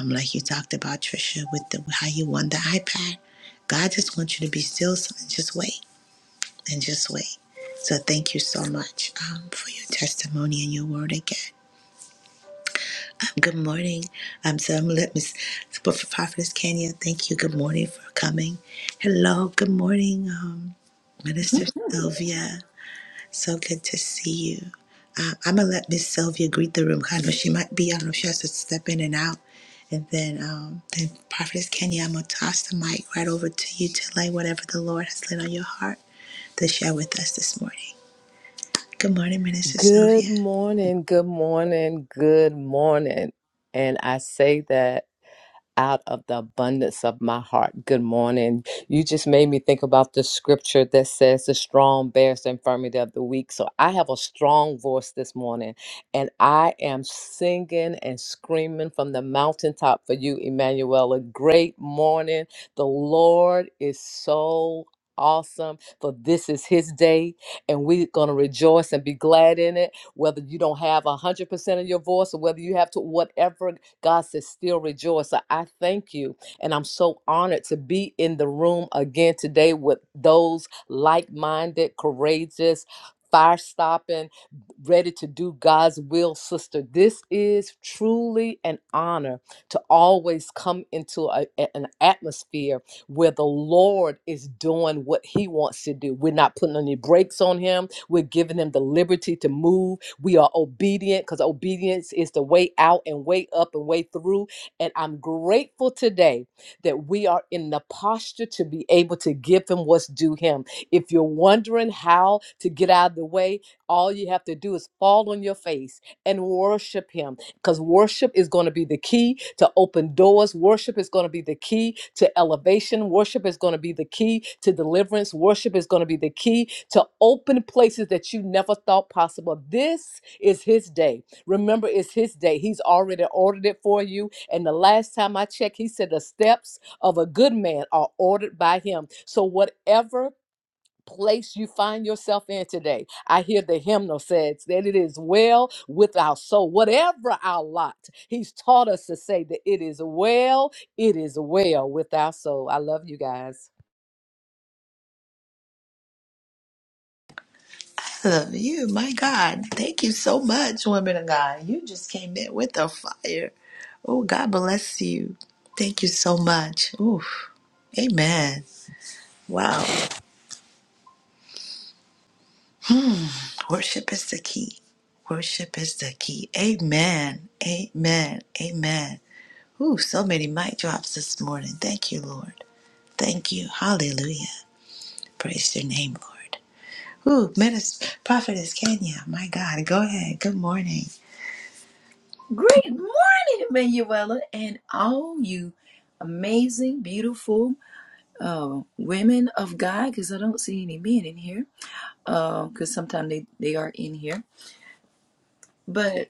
Um, like you talked about, Trisha, with the, how you won the iPad. God just wants you to be still and just wait and just wait. So thank you so much um, for your testimony and your word again. Um, good morning. Um, so I'm going to let Miss Prophet- Prophetess Kenya. Thank you. Good morning for coming. Hello. Good morning, um, Minister Sylvia. So good to see you. Uh, I'm gonna let Miss Sylvia greet the room. Kind of, she might be. I don't know. if She has to step in and out. And then, um, then Prophetess Kenya, I'm gonna toss the mic right over to you to lay whatever the Lord has laid on your heart to share with us this morning. Good morning, Minister
Good
Sylvia.
morning, good morning, good morning. And I say that out of the abundance of my heart. Good morning. You just made me think about the scripture that says the strong bears the infirmity of the weak. So I have a strong voice this morning and I am singing and screaming from the mountaintop for you, Emmanuel. A great morning. The Lord is so awesome for this is his day and we're going to rejoice and be glad in it whether you don't have a 100% of your voice or whether you have to whatever God says, still rejoice. So I thank you. And I'm so honored to be in the room again today with those like minded, courageous, fire stopping, ready to do God's will, sister. This is truly an honor to always come into a- a- an atmosphere where the Lord is doing what He wants to do. We're not putting any brakes on Him, we're giving Him the liberty to move we are obedient because obedience is the way out and way up and way through. And I'm grateful today that we are in the posture to be able to give him what's due him. If you're wondering how to get out of the way, all you have to do is fall on your face and worship him because worship is going to be the key to open doors. Worship is going to be the key to elevation. Worship is going to be the key to deliverance. Worship is going to be the key to open places that you never thought possible. This is His day. Remember, it's His day. He's already ordered it for you. And the last time I checked, He said the steps of a good man are ordered by Him. So, whatever place you find yourself in today. I hear the hymnal says that it is well with our soul, whatever our lot. He's taught us to say that it is well, it is well with our soul. I love you guys.
I love you, my God. Thank you so much, woman of God. You just came in with the fire. Oh, God bless you. Thank you so much. Oof. Amen. Wow. Worship is the key. Worship is the key. Amen. Amen. Amen. Ooh, so many mic drops this morning. Thank you, Lord. Thank you. Hallelujah. Praise your name, Lord. Ooh, Minister, Prophetess Kenya. My God. Go ahead. Good morning.
Great morning, Manuela, and all you amazing, beautiful uh, women of God, because I don't see any men in here, because sometimes they, they are in here. But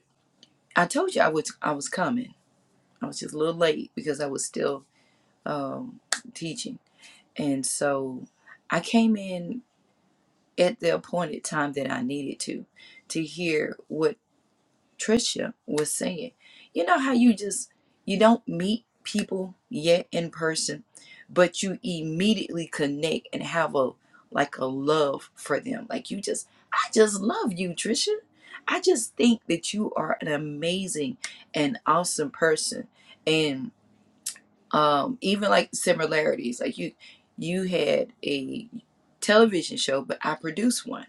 I told you I was I was coming. I was just a little late because I was still um, teaching, and so I came in at the appointed time that I needed to to hear what Trisha was saying. You know how you just you don't meet people yet in person, but you immediately connect and have a like a love for them. Like you just I just love you, Trisha. I just think that you are an amazing and awesome person. And um even like similarities, like you you had a television show, but I produced one.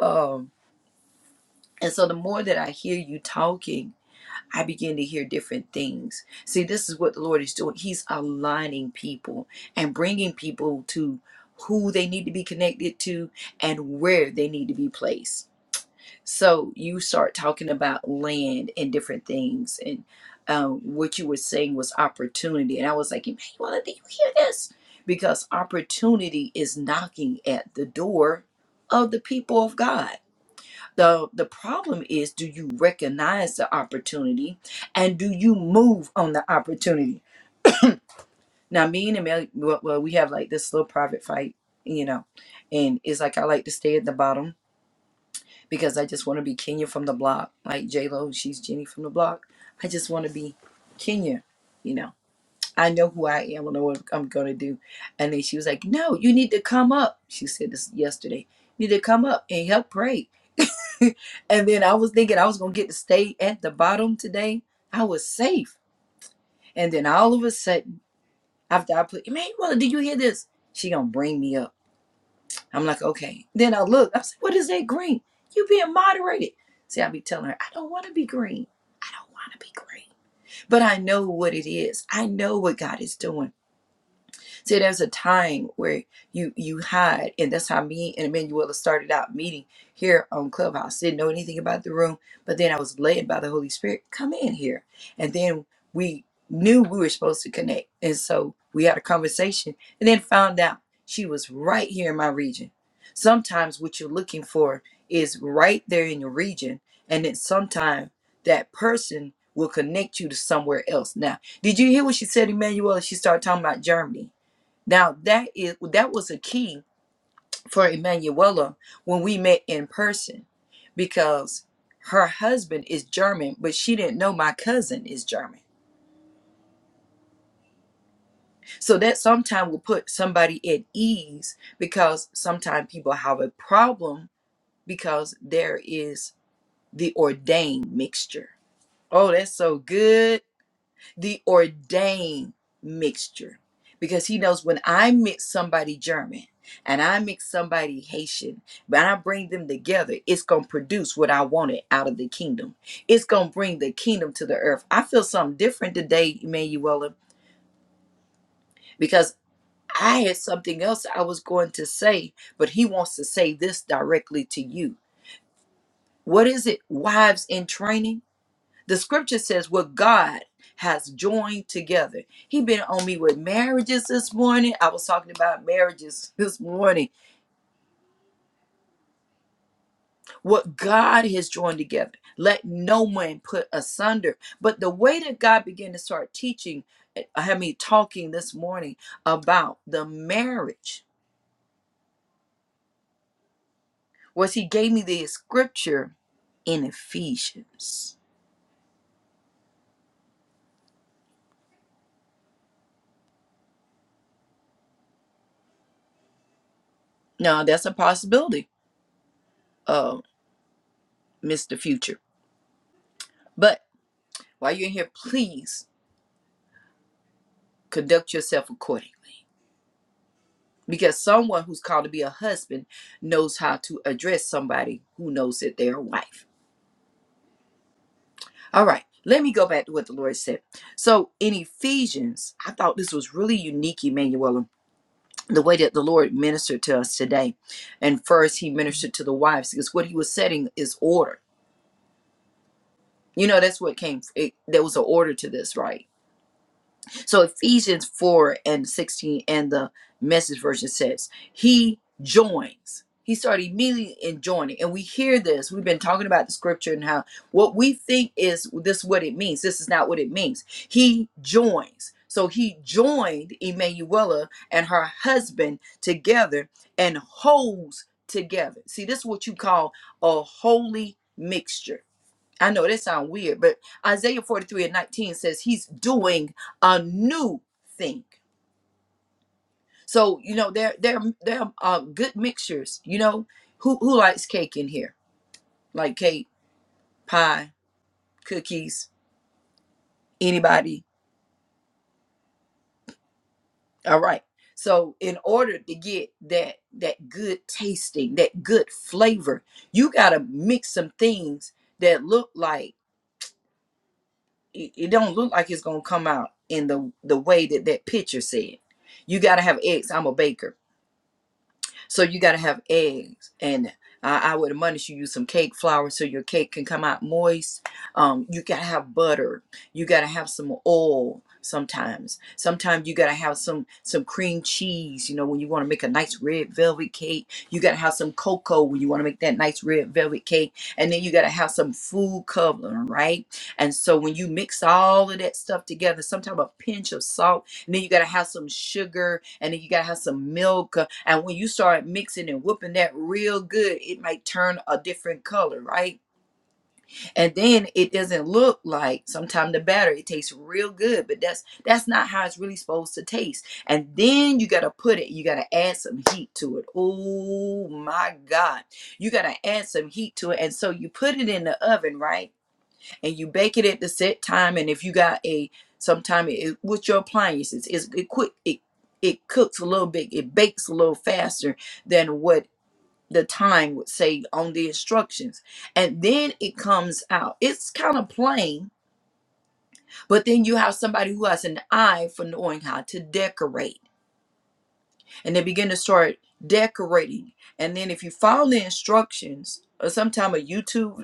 Um and so the more that I hear you talking I begin to hear different things. See, this is what the Lord is doing. He's aligning people and bringing people to who they need to be connected to and where they need to be placed. So you start talking about land and different things, and um, what you were saying was opportunity. And I was like, Emmanuel, did you hear this? Because opportunity is knocking at the door of the people of God the the problem is do you recognize the opportunity and do you move on the opportunity? Now me and Amelia well, well we have like this little private fight, you know, and it's like I like to stay at the bottom because I just want to be Kenya from the block. Like J Lo, she's Jenny from the block. I just want to be Kenya, you know. I know who I am, I know what I'm gonna do. And then she was like, No, you need to come up. She said this yesterday. You need to come up and help pray (laughs) and then I was thinking I was going to get to stay at the bottom today. I was safe. And then all of a sudden, after I put, man, mother, did you hear this? She going to bring me up. I'm like, okay. Then I look, I said, what is that green? You being moderated. See, I be telling her, I don't want to be green. I don't want to be green. But I know what it is. I know what God is doing. See, there's a time where you you hide, and that's how me and Emanuela started out meeting here on Clubhouse. Didn't know anything about the room, but then I was led by the Holy Spirit, come in here, and then we knew we were supposed to connect, and so we had a conversation, and then found out she was right here in my region. Sometimes what you're looking for is right there in your region, and then sometimes that person will connect you to somewhere else. Now, did you hear what she said, Emmanuel? She started talking about Germany now that is that was a key for Emanuela when we met in person because her husband is German, but she didn't know my cousin is German. So that sometimes will put somebody at ease because sometimes people have a problem because there is the ordained mixture. Oh, that's so good. the ordained mixture because he knows when I mix somebody German and I mix somebody Haitian, but I bring them together, it's going to produce what I wanted out of the kingdom. It's going to bring the kingdom to the earth. I feel something different today, Emanuela, because I had something else I was going to say, but he wants to say this directly to you. What is it? Wives in training? The scripture says what God has joined together. He been on me with marriages this morning. I was talking about marriages this morning. What God has joined together. Let no man put asunder. But the way that God began to start teaching, I had me talking this morning about the marriage was he gave me the scripture in Ephesians. Now that's a possibility, uh, Mr. Future. But while you're in here, please Conduct yourself accordingly. Because someone who's called to be a husband knows how to address somebody who knows that they're a wife. All right, let me go back to what the Lord said. So in Ephesians, I thought this was really unique, Emmanuel, the way that the Lord ministered to us today. And first, he ministered to the wives because what he was setting is order. You know, that's what came, it, there was an order to this, right? So Ephesians 4 and 16 and the message version says, He joins. He started immediately in joining. And we hear this. We've been talking about the scripture and how what we think is this what it means. This is not what it means. He joins. So he joined Emmanuela and her husband together and holds together. See, this is what you call a holy mixture I know that sounds weird, but Isaiah 43 and 19 says he's doing a new thing. So, you know, they're they're they're uh, good mixtures, you know. Who who likes cake in here? Like cake, pie, cookies, anybody? All right. So, in order to get that that good tasting, that good flavor, you got to mix some things that look like it it don't look like it's gonna come out in the the way that that picture said. You gotta have eggs. I'm a baker. So you got to have eggs, and I, I would admonish you use some cake flour so your cake can come out moist. Um, you got to have butter. You got to have some oil. Sometimes, sometimes you got to have some some cream cheese. You know, when you want to make a nice red velvet cake, you got to have some cocoa when you want to make that nice red velvet cake, and then you got to have some food coloring, right? And so when you mix all of that stuff together, sometimes a pinch of salt and then you gotta have some sugar, and then you gotta have some milk. uh, And when you start mixing and whooping that real good, it might turn a different color, right? And then it doesn't look like sometimes the batter it tastes real good, but that's that's not how it's really supposed to taste. And then you gotta put it, you gotta add some heat to it. Oh my God, you gotta add some heat to it, and so you put it in the oven, right? and you bake it at the set time. And if you got a sometime it, with your appliances, it's, it quick it it cooks a little bit, it bakes a little faster than what the time would say on the instructions, and then it comes out. It's kind of plain, but then you have somebody who has an eye for knowing how to decorate and they begin to start decorating. And then if you follow the instructions or sometime a YouTube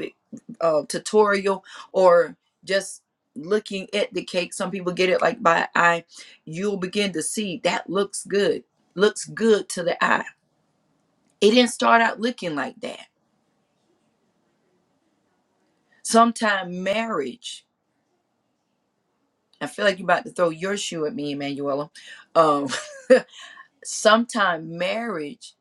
uh, tutorial or just looking at the cake, some people get it like by eye, you'll begin to see that looks good, looks good to the eye. It didn't start out looking like that. Sometime marriage, I feel like you're about to throw your shoe at me, Emanuela. Um, (laughs) sometimes marriage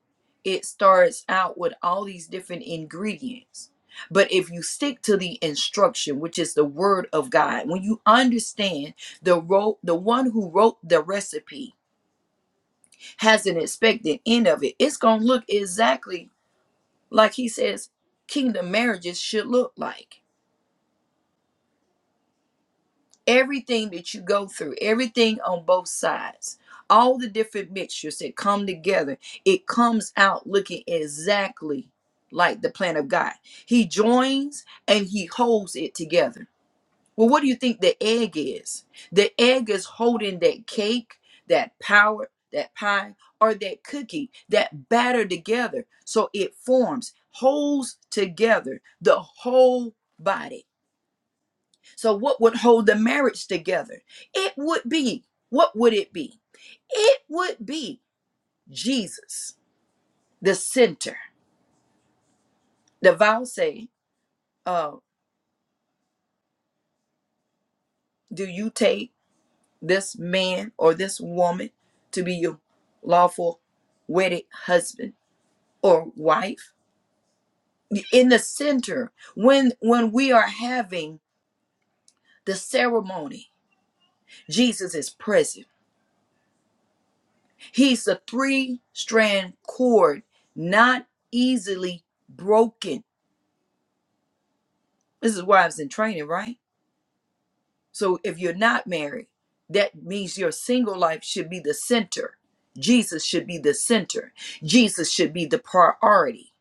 it starts out with all these different ingredients but if you stick to the instruction which is the word of god when you understand the ro- the one who wrote the recipe has an expected end of it it's going to look exactly like he says kingdom marriages should look like everything that you go through, everything on both sides, all the different mixtures that come together, it comes out looking exactly like the plan of God. He joins and he holds it together. Well, what do you think the egg is? The egg is holding that cake, that power, that pie, or that cookie, that batter together. So it forms, holds together the whole body. So, what would hold the marriage together? It would be, what would it be? It would be Jesus, the center. The vow say, uh, do you take this man or this woman to be your lawful wedded husband or wife? In the center, when when we are having the ceremony, Jesus is present. He's the three strand cord, not easily broken This is wives in training, right? So if you're not married, that means your single life should be the center. Jesus should be the center. Jesus should be the priority.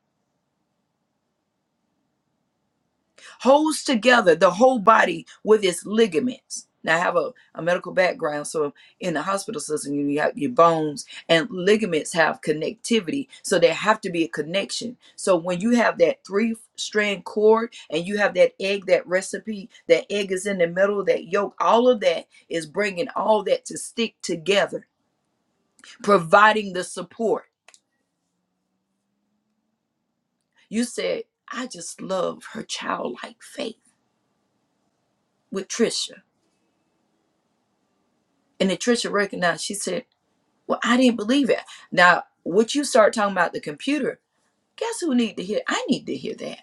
holds together the whole body with its ligaments. Now, I have a, a medical background, so in the hospital system, you have your bones and ligaments have connectivity, so there have to be a connection. So when you have that three strand cord and you have that egg, that recipe, that egg is in the middle, that yolk, all of that is bringing all that to stick together, providing the support. You said, I just love her childlike faith with Trisha. And then Trisha recognized, she said, Well, I didn't believe it. Now, what you start talking about the computer, guess who need to hear? I need to hear that.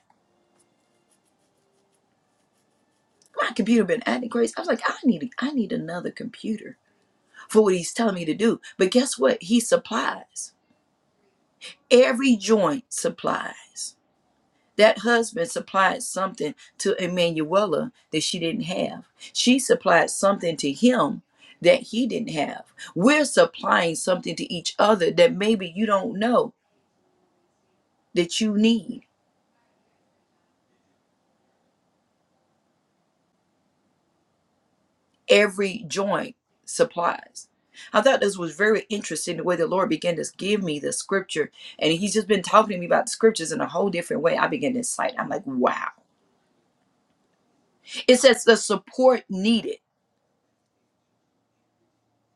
My computer been acting crazy. I was like, I need, I need another computer for what he's telling me to do. But guess what? He supplies. Every joint supplies. That husband supplied something to Emanuela that she didn't have. She supplied something to him that he didn't have. We're supplying something to each other that maybe you don't know that you need every joint supplies. I thought this was very interesting the way the Lord began to give me the scripture. And He's just been talking to me about the scriptures in a whole different way. I began to cite. I'm like, wow. It says the support needed.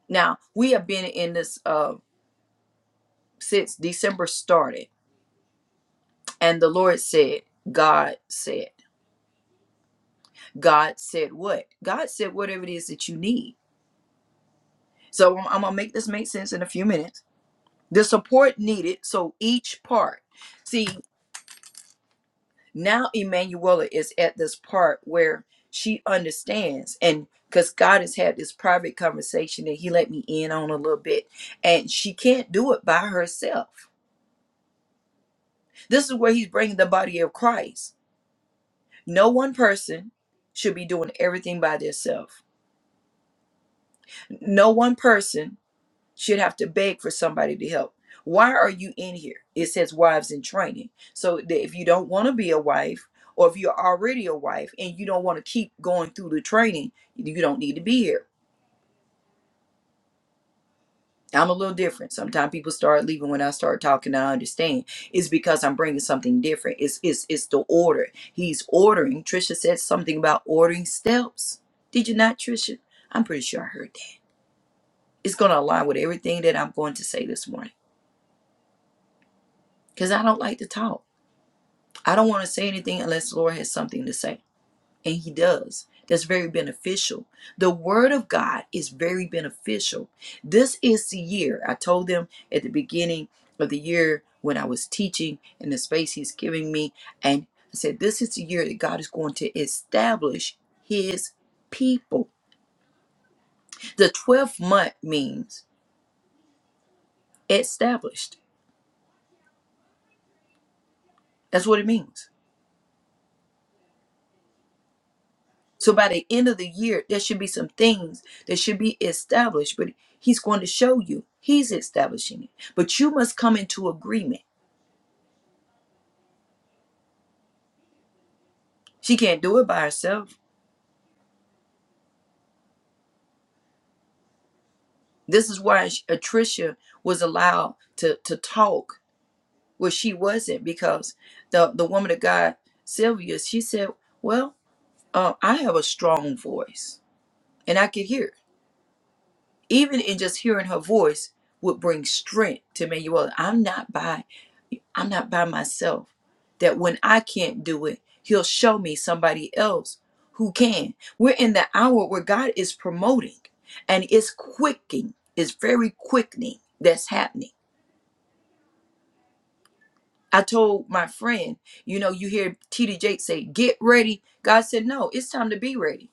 Now, we have been in this uh, since December started. And the Lord said, God said, God said what? God said whatever it is that you need. So I'm, I'm going to make this make sense in a few minutes. The support needed. So each part. See, Now Emanuela is at this part where she understands and because God has had this private conversation that he let me in on a little bit and she can't do it by herself. This is where he's bringing the body of Christ. No one person should be doing everything by themselves. No one person Should have to beg for somebody to help. Why are you in here? It says wives in training. So that if you don't want to be a wife, or if you're already a wife and you don't want to keep going through the training, you don't need to be here. I'm a little different. Sometimes people start leaving when I start talking. I understand. It's because I'm bringing something different. It's it's it's the order. He's ordering. Trisha said something about ordering steps. Did you not, Trisha? I'm pretty sure I heard that. It's gonna align with everything that I'm going to say this morning. Cause I don't like to talk. I don't want to say anything unless the Lord has something to say. And He does. That's very beneficial. The Word of God is very beneficial. This is the year. I told them at the beginning of the year when I was teaching in the space He's giving me, and I said, This is the year that God is going to establish His people. The 12th month means established. That's what it means. So by the end of the year, there should be some things that should be established, but he's going to show you. He's establishing it. But you must come into agreement. She can't do it by herself. This is why Sh- Atricia was allowed to, to talk where she wasn't because the, the woman of God, Sylvia, she said, Well, uh, I have a strong voice and I could hear. it." Even in just hearing her voice would bring strength to me. Well, I'm not biased. I'm not by myself. That when I can't do it, He'll show me somebody else who can. We're in the hour where God is promoting and it's quickening, it's very quickening that's happening. I told my friend, you know, you hear TD Jake say, get ready. God said, no, it's time to be ready.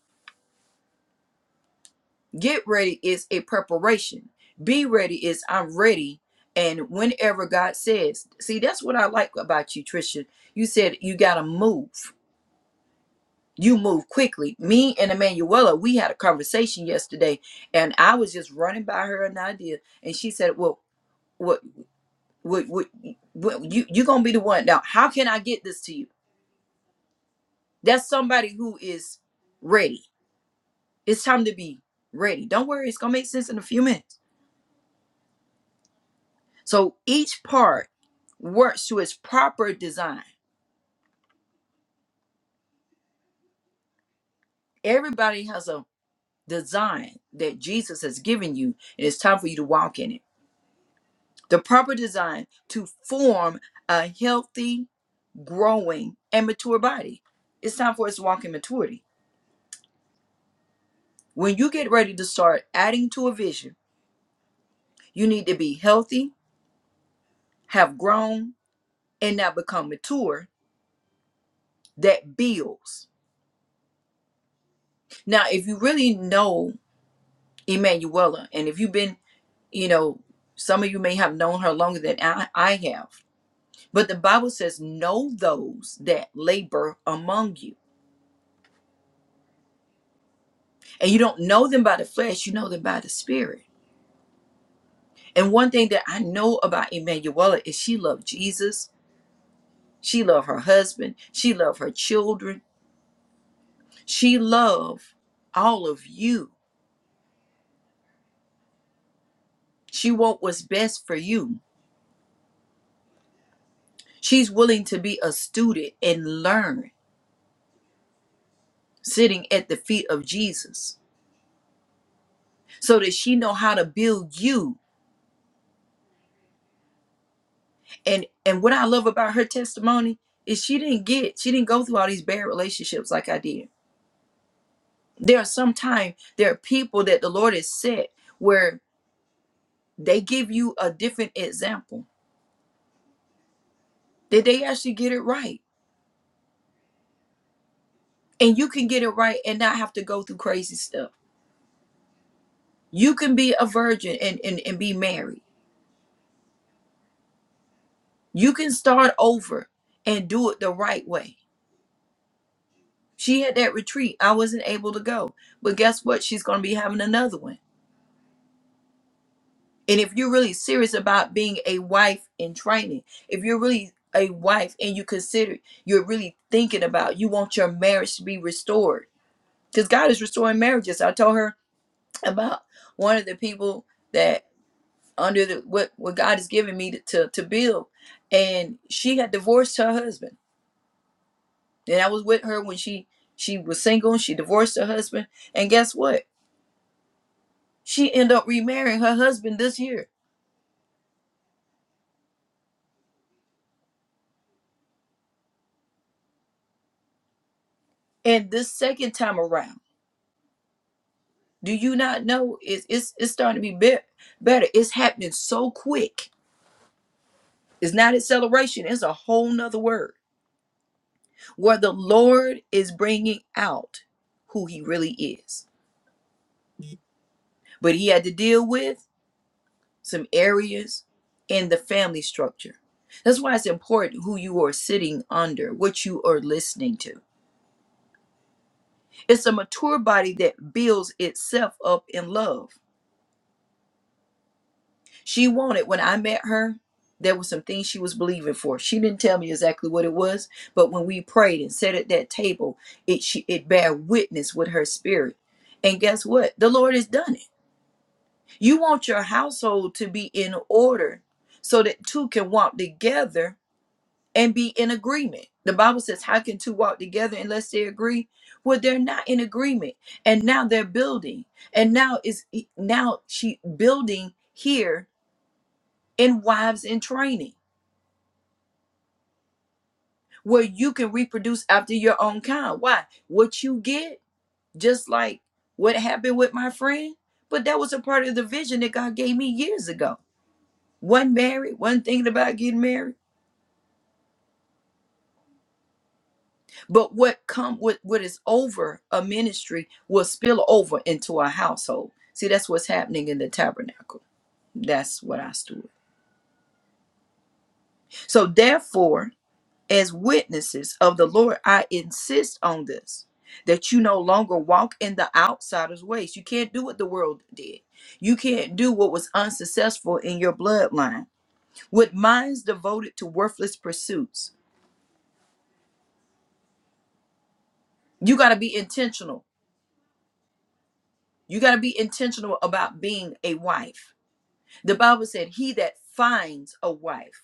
Get ready is a preparation. Be ready is I'm ready. And whenever God says, see, that's what I like about you, Trisha. You said you got to move you move quickly. Me and Emanuela, we had a conversation yesterday, and I was just running by her an idea, and she said, "Well, what, what, what, what you you gonna be the one now? How can I get this to you?" That's somebody who is ready. It's time to be ready. Don't worry, it's gonna make sense in a few minutes. So each part works to its proper design. Everybody has a design that Jesus has given you, and it's time for you to walk in it. the proper design to form a healthy, growing, and mature body. It's time for us to walk in maturity. When you get ready to start adding to a vision, you need to be healthy, have grown, and now become mature that builds. Now, if you really know Emanuela, and if you've been, you know, some of you may have known her longer than I, I have, but the Bible says, Know those that labor among you. And you don't know them by the flesh, you know them by the spirit. And one thing that I know about Emanuela is she loved Jesus. She loved her husband. She loved her children. She loved all of you. She want what's best for you. She's willing to be a student and learn sitting at the feet of Jesus so that she know how to build you. And and what I love about her testimony is she didn't get she didn't go through all these bad relationships like I did. There are sometimes there are people that the Lord has set where They give you a different example. Did they actually get it right? And you can get it right and not have to go through crazy stuff. You can be a virgin and, and, and be married. You can start over and do it the right way. She had that retreat. I wasn't able to go. But guess what? She's going to be having another one. And if you're really serious about being a wife in training, if you're really a wife and you consider you're really thinking about you want your marriage to be restored because God is restoring marriages. I told her about one of the people that under the what what God has given me to to, to build, and she had divorced her husband, and I was with her when she she was single. She divorced her husband, and guess what? She ended up remarrying her husband this year, and this second time around. Do you not know it's it's it's starting to be better? Better. It's happening so quick. It's not acceleration. It's a whole nother word where the Lord is bringing out who He really is but he had to deal with some areas in the family structure. That's why it's important who you are sitting under, what you are listening to. It's a mature body that builds itself up in love. She wanted, when I met her, there were some things she was believing for. She didn't tell me exactly what it was, but when we prayed and sat at that table, it she, it bare witness with her spirit. And guess what? The Lord has done it. You want your household to be in order so that two can walk together and be in agreement. The Bible says, How can two walk together unless they agree? Well, they're not in agreement. And now they're building. And now is e, now she building here in wives in training where you can reproduce after your own kind. Why? What you get, just like what happened with my friend, but that was a part of the vision that God gave me years ago. One married, one thinking about getting married But what come what, what is over a ministry will spill over into a household. See, that's what's happening in the tabernacle. That's what I stood. So therefore, as witnesses of the Lord, I insist on this that you no longer walk in the outsider's ways. You can't do what the world did. You can't do what was unsuccessful in your bloodline. With minds devoted to worthless pursuits, you got to be intentional. You got to be intentional about being a wife The Bible said, He that finds a wife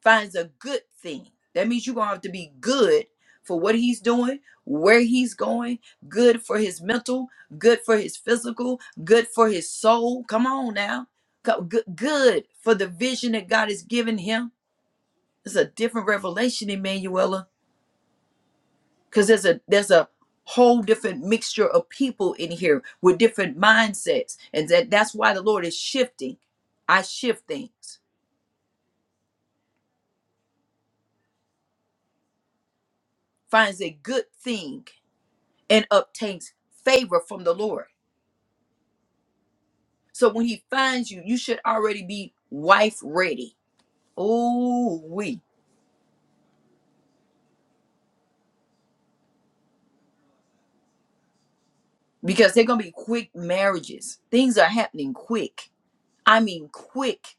finds a good thing. That means you're going to have to be good for what he's doing, where he's going, good for his mental, good for his physical, good for his soul. Come on now. Go- Good, good for the vision that God has given him. It's a different revelation, Emanuela, because there's a there's a whole different mixture of people in here with different mindsets, and that that's why the Lord is shifting. I shift things. finds a good thing and obtains favor from the Lord. So when he finds you, you should already be wife ready. Oh, we. Because they're going to be quick marriages. Things are happening quick. I mean, quick.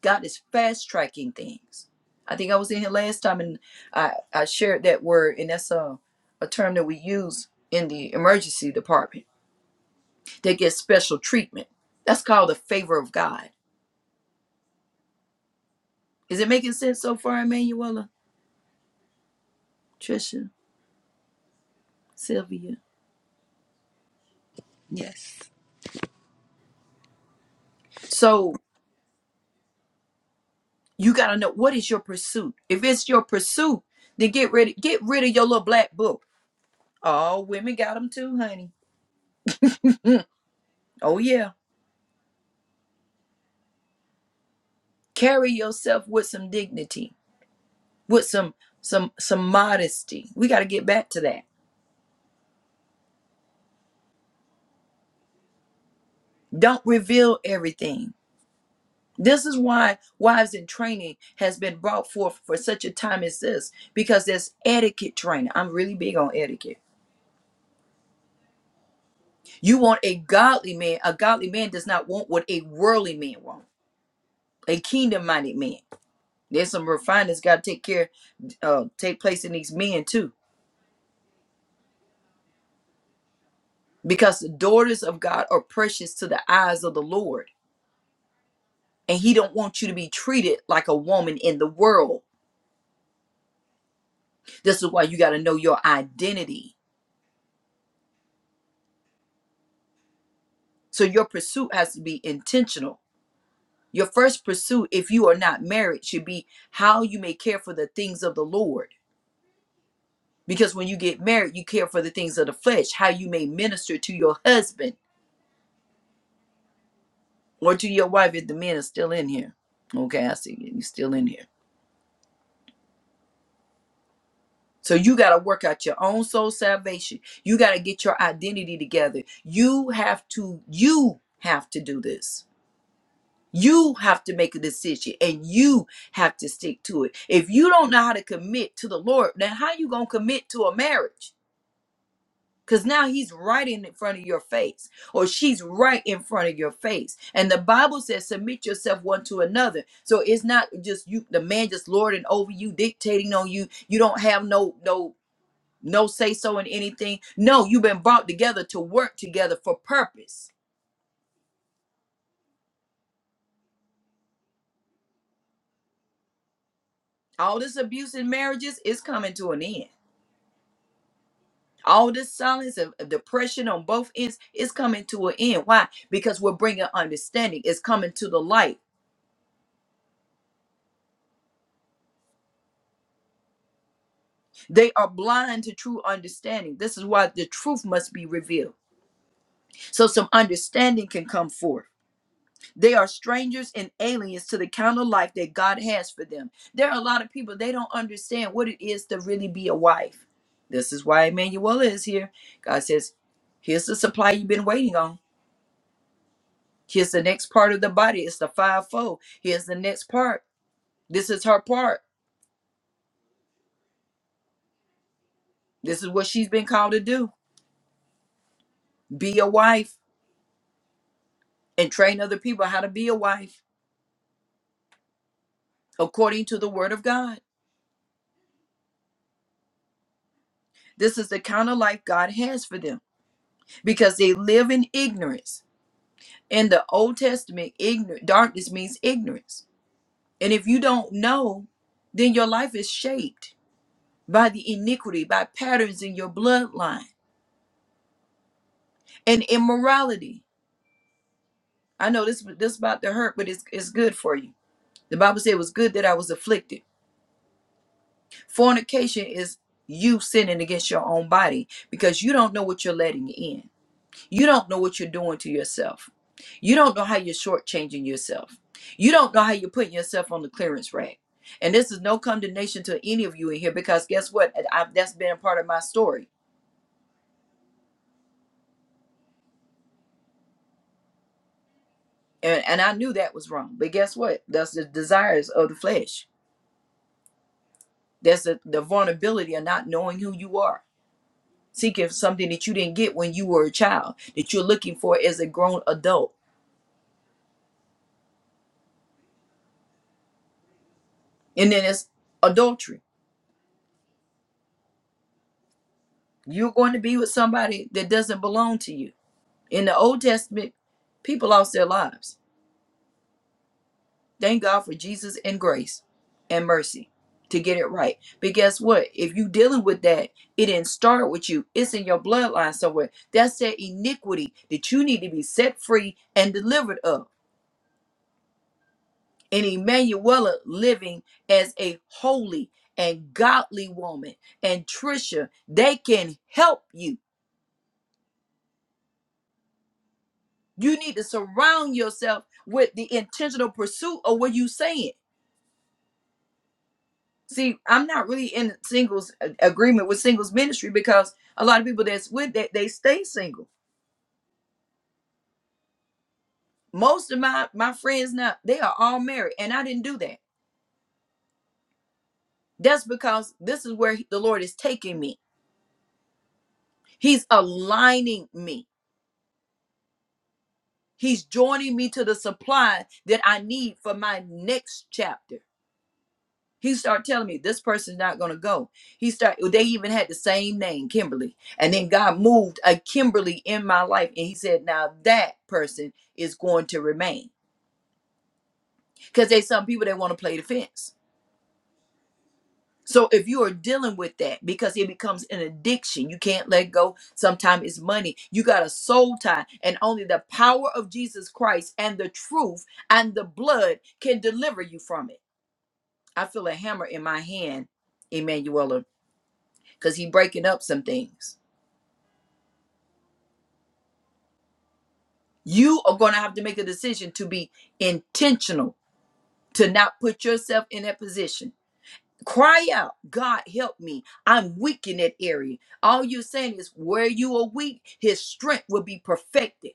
God is fast tracking things. I think I was in here last time and I, I shared that word, and that's a, a term that we use in the emergency department. They get special treatment. That's called the favor of God. Is it making sense so far, Emmanuel? Trisha, Sylvia.
Yes.
So you gotta know what is your pursuit. If it's your pursuit, then get rid get rid of your little black book. All women got them too, honey. Mm, Oh yeah. Carry yourself with some dignity, with some some some modesty. We gotta get back to that. Don't reveal everything. This is why wives in training has been brought forth for such a time as this, because there's etiquette training. I'm really big on etiquette You want a godly man. A godly man does not want what a worldly man wants. A kingdom-minded man. There's some refinings got to take care, uh, take place in these men too, because the daughters of God are precious to the eyes of the Lord, and He don't want you to be treated like a woman in the world. This is why you got to know your identity. So your pursuit has to be intentional. Your first pursuit, if you are not married, should be how you may care for the things of the Lord Because when you get married, you care for the things of the flesh, how you may minister to your husband or to your wife if the man is still in here. Okay, I see you. are still in here. So you got to work out your own soul salvation. You got to get your identity together. You have to, you have to do this. You have to make a decision and you have to stick to it. If you don't know how to commit to the Lord, then how you going to commit to a marriage? Because now he's right in front of your face, or she's right in front of your face. And the Bible says, submit yourself one to another. So it's not just you, the man just lording over you, dictating on you. You don't have no, no, no say so in anything. No, you've been brought together to work together for purpose. All this abuse in marriages is coming to an end. All this silence and depression on both ends is coming to an end. Why? Because we're bringing understanding. It's coming to the light They are blind to true understanding. This is why the truth must be revealed. So some understanding can come forth. They are strangers and aliens to the kind of life that God has for them. There are a lot of people, they don't understand what it is to really be a wife. This is why Emmanuel is here. God says, Here's the supply you've been waiting on. Here's the next part of the body. It's the fivefold. Here's the next part. This is her part. This is what she's been called to do. Be a wife and train other people how to be a wife. according to the word of God. This is the kind of life God has for them because they live in ignorance. In the Old Testament, ignor- darkness means ignorance. And if you don't know, then your life is shaped by the iniquity, by patterns in your bloodline and immorality. I know this this about to hurt, but it's, it's good for you. The Bible said it was good that I was afflicted. Fornication is you sinning against your own body because you don't know what you're letting in You don't know what you're doing to yourself. You don't know how you're shortchanging yourself. You don't know how you're putting yourself on the clearance rack. And this is no condemnation to any of you in here because guess what? I, that's been a part of my story. And, and I knew that was wrong. But guess what? That's the desires of the flesh. That's the, the vulnerability of not knowing who you are, seeking something that you didn't get when you were a child, that you're looking for as a grown adult. And then it's adultery. You're going to be with somebody that doesn't belong to you In the Old Testament, people lost their lives. Thank God for Jesus and grace and mercy to get it right. But guess what? If you dealing with that, it didn't start with you. It's in your bloodline somewhere. That's that iniquity that you need to be set free and delivered of. And Emanuela living as a holy and godly woman and Trisha, they can help you. You need to surround yourself with the intentional pursuit of what you're saying See, I'm not really in singles a- agreement with singles ministry because a lot of people that's with that they stay single. Most of my my friends now they are all married, and I didn't do that. That's because this is where the Lord is taking me. He's aligning me. He's joining me to the supply that I need for my next chapter. He started telling me this person's not gonna go. He started. They even had the same name, Kimberly. And then God moved a Kimberly in my life, and He said, "Now that person is going to remain." Because there's some people that want to play the fence. So if you are dealing with that, because it becomes an addiction, you can't let go. Sometimes it's money. You got a soul tie, and only the power of Jesus Christ and the truth and the blood can deliver you from it. I feel a hammer in my hand, Emmanuel. because he breaking up some things. You are going to have to make a decision to be intentional, to not put yourself in that position. Cry out, God help me. I'm weak in that area. All you're saying is where you are weak, his strength will be perfected.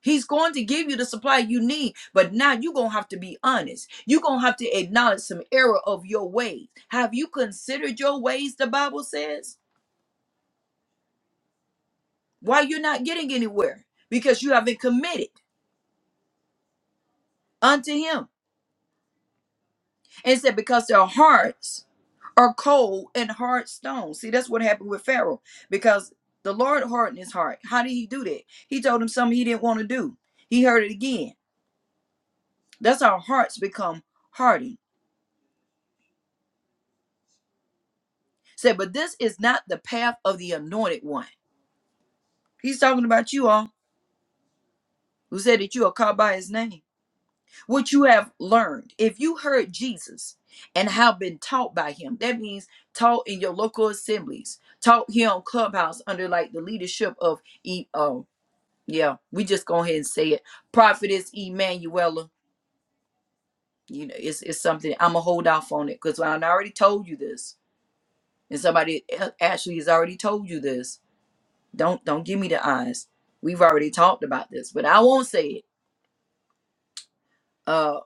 He's going to give you the supply you need, but now you're going to have to be honest. You're going to have to acknowledge some error of your ways. Have you considered your ways, the Bible says? Why you're not getting anywhere? Because you haven't committed unto him. And it said, because their hearts are cold and hard stone. See, that's what happened with Pharaoh because the Lord hardened his heart. How did he do that? He told him something he didn't want to do. He heard it again. That's how hearts become hardened. Said, but this is not the path of the anointed one. He's talking about you all who said that you are called by his name. would you have learned if you heard Jesus and have been taught by him? That means taught in your local assemblies, taught here on Clubhouse under like the leadership of E. Oh, yeah, we just go ahead and say it. Prophetess Emanuela. You know, it's it's something I'm gonna hold off on it because I already told you this, and somebody e- actually has already told you this. Don't don't give me the eyes. We've already talked about this, but I won't say it. Uh,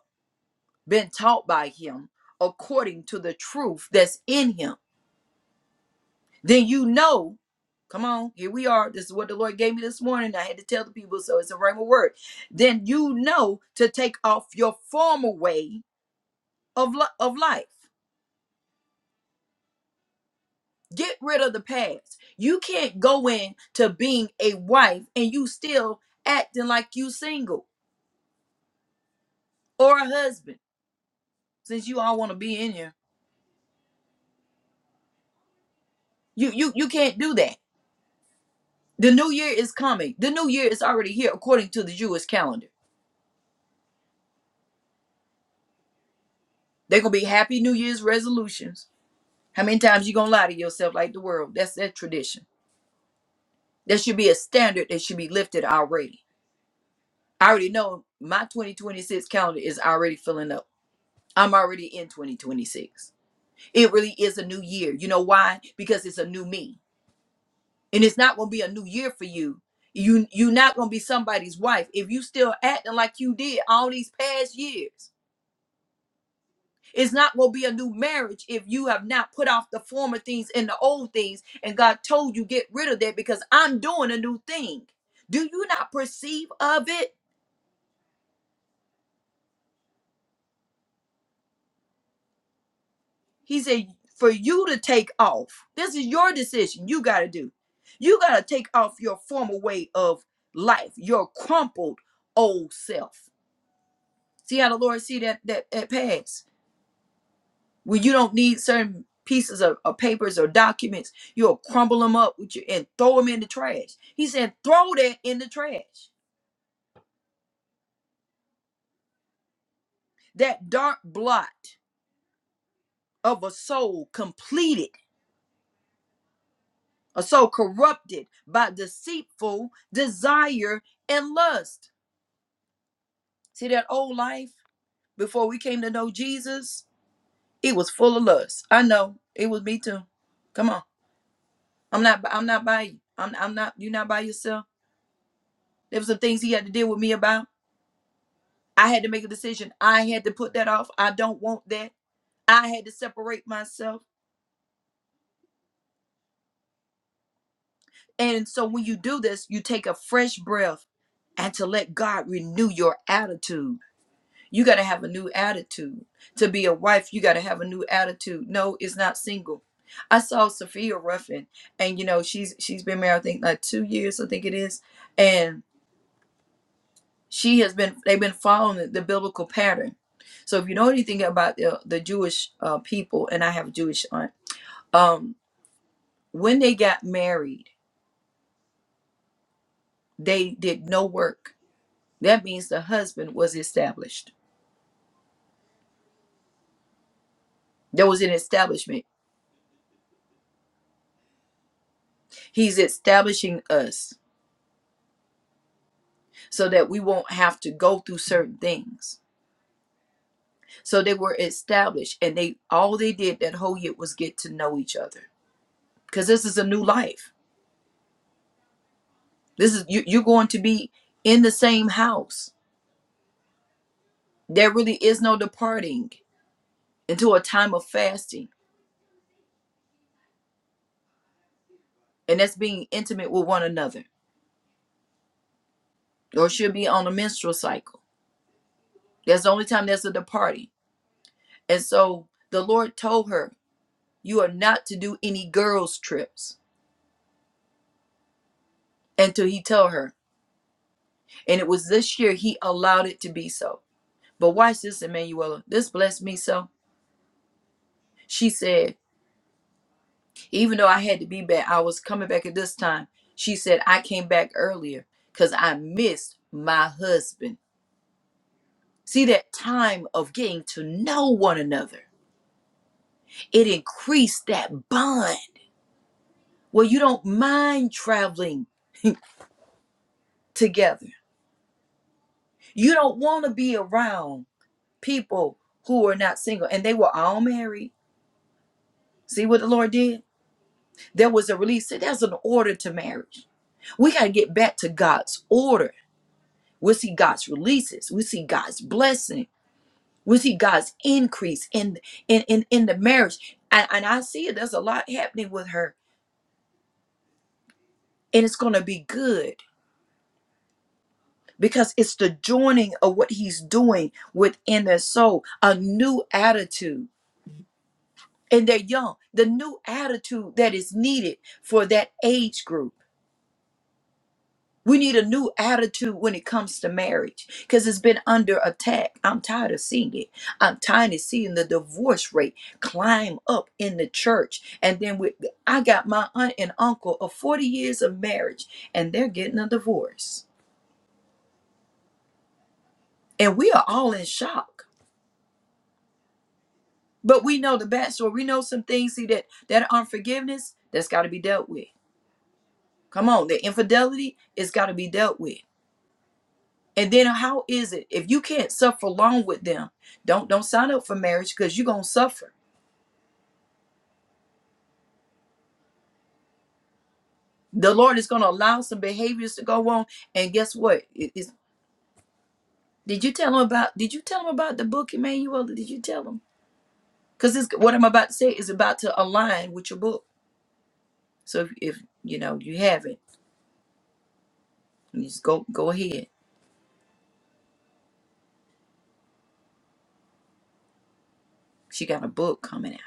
been taught by him according to the truth that's in him, then you know. Come on, here we are. This is what the Lord gave me this morning. I had to tell the people, so it's a rhema word. Then you know to take off your former way of, li- of life. Get rid of the past. You can't go into being a wife and you still acting like you single or a husband, since you all want to be in here. You you you can't do that The new year is coming. The new year is already here according to the Jewish calendar. They're gonna be happy New Year's resolutions. How many times you gonna lie to yourself like the world? That's that tradition. That should be a standard that should be lifted already. I already know my 2026 calendar is already filling up. I'm already in 2026. It really is a new year. You know why? Because it's a new me. And it's not gonna be a new year for you. You you're not gonna be somebody's wife if you still acting like you did all these past years. It's not going to be a new marriage if you have not put off the former things and the old things. And God told you, get rid of that because I'm doing a new thing. Do you not perceive of it? He said, for you to take off. This is your decision. You got to do. You got to take off your former way of life, your crumpled old self. See how the Lord see that that, that past? when you don't need certain pieces of, of papers or documents, you'll crumble them up with you and throw them in the trash. He said, throw that in the trash. That dark blot of a soul completed, a soul corrupted by deceitful desire and lust. See that old life before we came to know Jesus, it was full of lust. I know it was me too. Come on, I'm not. I'm not by you. I'm. I'm not. You're not by yourself. There were some things he had to deal with me about. I had to make a decision. I had to put that off. I don't want that. I had to separate myself. And so when you do this, you take a fresh breath and to let God renew your attitude. You got to have a new attitude. To be a wife, you got to have a new attitude. No, it's not single. I saw Sophia Ruffin and you know she's she's been married I think like 2 years I think it is and she has been they've been following the biblical pattern. So if you know anything about the, the Jewish uh, people and I have a Jewish aunt um when they got married they did no work that means the husband was established there was an establishment he's establishing us so that we won't have to go through certain things so they were established and they all they did that whole year was get to know each other because this is a new life this is you, you're going to be in the same house there really is no departing into a time of fasting and that's being intimate with one another or should be on a menstrual cycle That's the only time that's at the party, And so the Lord told her, You are not to do any girls' trips until he tell her. And it was this year he allowed it to be so. But watch this, Emanuela. This blessed me so. She said, even though I had to be back, I was coming back at this time. She said, I came back earlier because I missed my husband. See, that time of getting to know one another, it increased that bond. Well, you don't mind traveling together You don't want to be around people who are not single and they were all married. See what the Lord did? There was a release. See, There's an order to marriage. We got to get back to God's order. We see God's releases. We see God's blessing. We see God's increase in in in, in the marriage. And, and I see it. There's a lot happening with her, and it's going to be good because it's the joining of what He's doing within their soul, a new attitude and they're young. The new attitude that is needed for that age group. We need a new attitude when it comes to marriage because it's been under attack. I'm tired of seeing it. I'm tired of seeing the divorce rate climb up in the church. And then with, I got my aunt and uncle of 40 years of marriage and they're getting a divorce. And we are all in shock. But we know the bad story. We know some things, see, that, that unforgiveness, that's got to be dealt with. Come on, the infidelity, is got to be dealt with And then how is it if you can't suffer long with them? Don't don't sign up for marriage because you're gonna suffer. The Lord is gonna allow some behaviors to go on. And guess what? It is did you tell him about did you tell him about the book, Emmanuel? Did you tell him? Because what I'm about to say is about to align with your book. So if, if you know you haven't, you just go go ahead. She got a book coming out.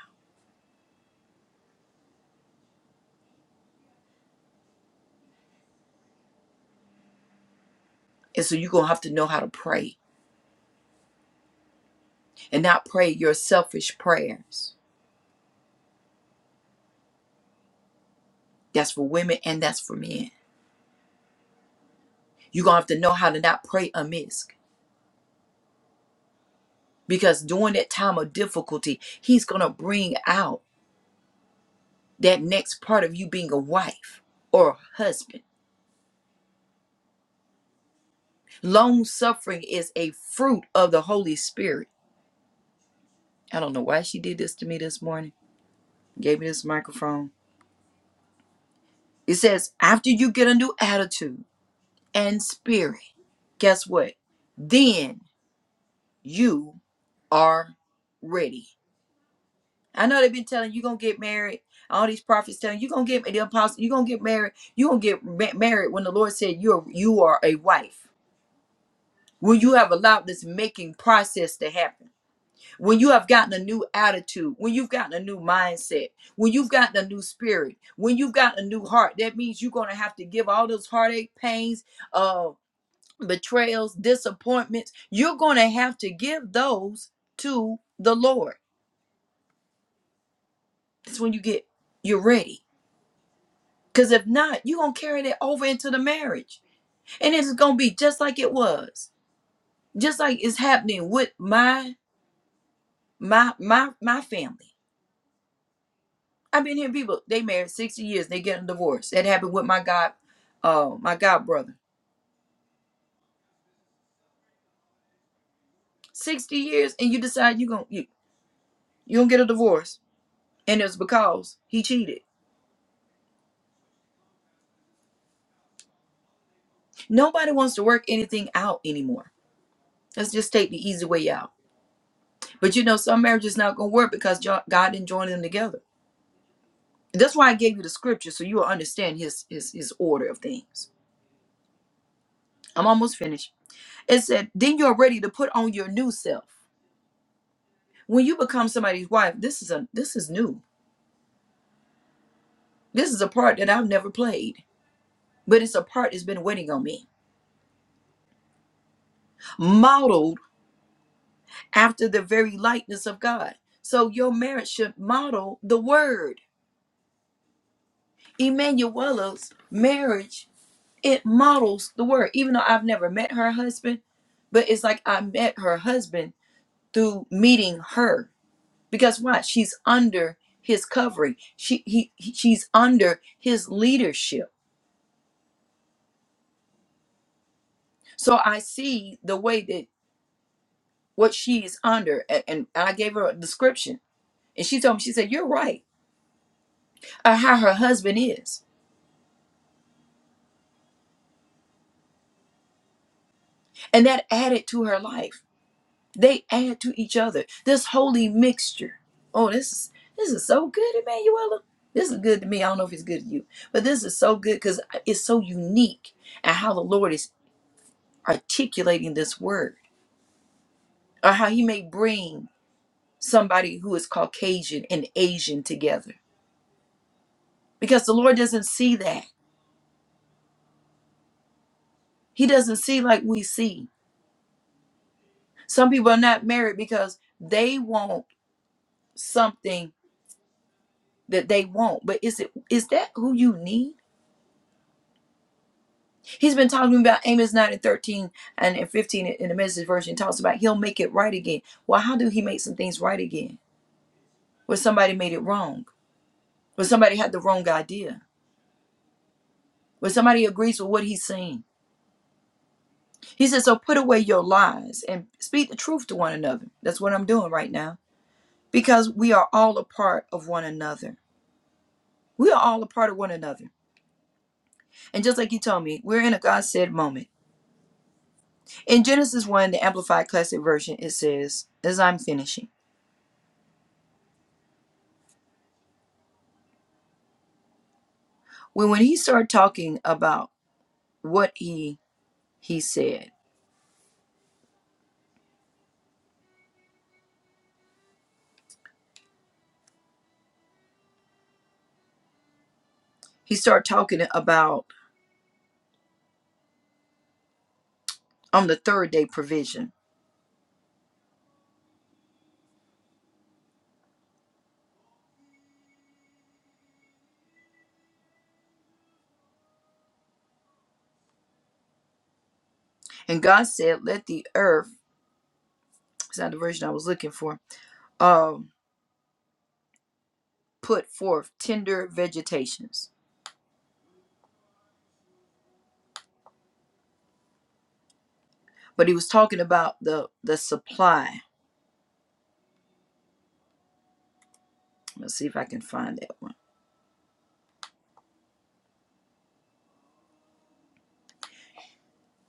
And so you're gonna have to know how to pray and not pray your selfish prayers. That's for women and that's for men. You're gonna have to know how to not pray amiss because during that time of difficulty, he's going to bring out that next part of you being a wife or a husband. Long suffering is a fruit of the Holy Spirit. I don't know why she did this to me this morning, gave me this microphone. It says, after you get a new attitude and spirit, guess what? Then you are ready. I know they've been telling you gonna get married. All these prophets telling you gonna get the apostle, you gonna get married. You gonna get ma- married when the Lord said you're you are a wife. When you have allowed this making process to happen, when you have gotten a new attitude, when you've gotten a new mindset, when you've gotten a new spirit, when you've got a new heart, that means you're gonna have to give all those heartache, pains, uh, betrayals, disappointments. You're gonna have to give those to the Lord. That's when you get you're ready Because if not, you're going to carry that over into the marriage. And it's going to be just like it was, just like it's happening with my my my my family. I've been hearing people, they married 60 years, they get a divorce. That happened with my god, uh, my god brother. 60 years, and you decide you're going you, you gonna get a divorce. And it's because he cheated. Nobody wants to work anything out anymore. Let's just take the easy way out. But you know, some marriages not gonna work because jo- God didn't join them together That's why I gave you the scripture so you will understand his his his order of things. I'm almost finished. It said, "Then you're ready to put on your new self." When you become somebody's wife, this is a this is new. This is a part that I've never played, but it's a part that's been waiting on me. Modeled after the very likeness of God. So your marriage should model the word. Emanuela's marriage, it models the word. Even though I've never met her husband, but it's like I met her husband through meeting her because what she's under his covering she he, he- she's under his leadership so i see the way that what she is under and, and i gave her a description and she told me she said you're right uh, how her husband is and that added to her life they add to each other this holy mixture oh this is this is so good emanuela this is good to me i don't know if it's good to you but this is so good because it's so unique and how the lord is articulating this word or how he may bring somebody who is Caucasian and Asian together because the Lord doesn't see that. He doesn't see like we see. Some people are not married because they want something that they want. But is it is that who you need? He's been talking about Amos 9 and 13 and and 15 in the message version talks about he'll make it right again. Well, how do he make some things right again? Where somebody made it wrong, where somebody had the wrong idea, where somebody agrees with what he's saying. He said, So put away your lies and speak the truth to one another. That's what I'm doing right now because we are all a part of one another. We are all a part of one another. And just like he told me, we're in a God said moment. In Genesis 1, the Amplified Classic Version, it says, as I'm finishing, when, when he started talking about what he he said, he started talking about on the third day provision. And God said, Let the earth, it's not the version I was looking for, um, put forth tender vegetations but he was talking about the the supply let's see if i can find that one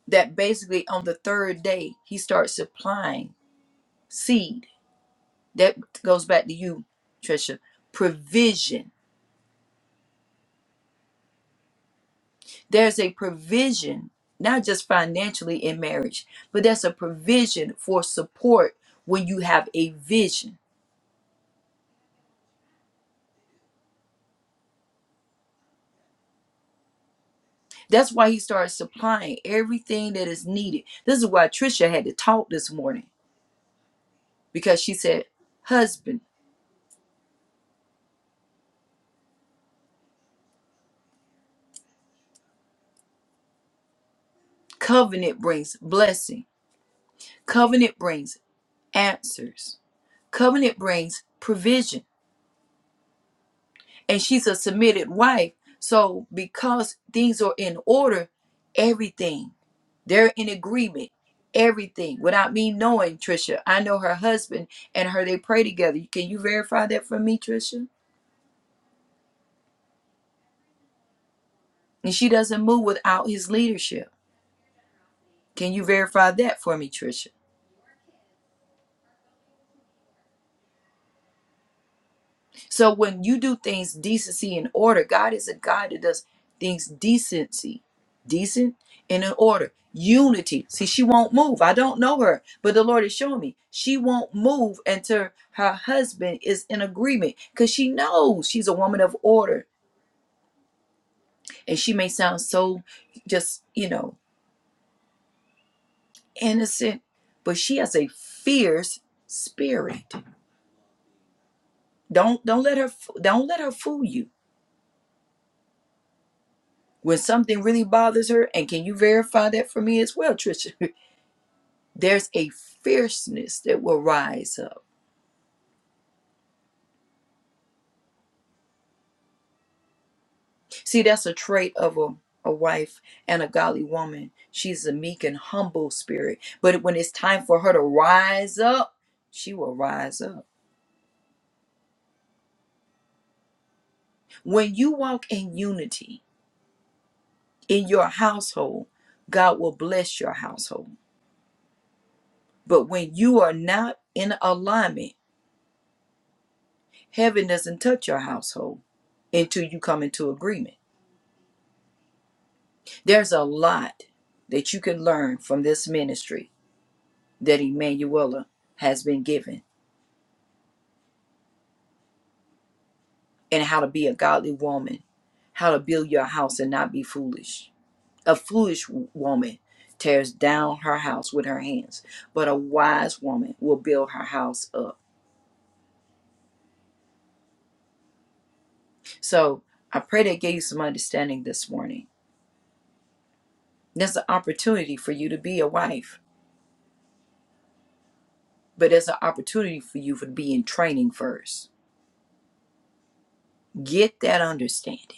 that basically on the third day he starts supplying seed that goes back to you trisha provision there's a provision not just financially in marriage but there's a provision for support when you have a vision that's why he started supplying everything that is needed this is why trisha had to talk this morning because she said husband covenant brings blessing Covenant brings answers. Covenant brings provision. And she's a submitted wife. So because things are in order, everything, they're in agreement. Everything without me knowing Trisha. I know her husband and her, they pray together. Can you verify that for me, Trisha? And she doesn't move without his leadership. Can you verify that for me, Trisha? So when you do things decency and order, God is a God that does things decency, decent and in order. Unity. See, she won't move. I don't know her, but the Lord is showing me she won't move until her husband is in agreement because she knows she's a woman of order. And she may sound so just, you know, innocent, but she has a fierce spirit. Don't don't let her don't let her fool you when something really bothers her, and can you verify that for me as well, Trisha? (laughs) There's a fierceness that will rise up. See, that's a trait of a, a wife and a godly woman. She's a meek and humble spirit. But when it's time for her to rise up, she will rise up. When you walk in unity in your household, God will bless your household. But when you are not in alignment, heaven doesn't touch your household until you come into agreement. There's a lot that you can learn from this ministry that Emanuela has been given and how to be a godly woman, how to build your house and not be foolish. A foolish w- woman tears down her house with her hands, but a wise woman will build her house up. So I pray that gave you some understanding this morning. There's an opportunity for you to be a wife, but there's an opportunity for you for to be in training first. Get that understanding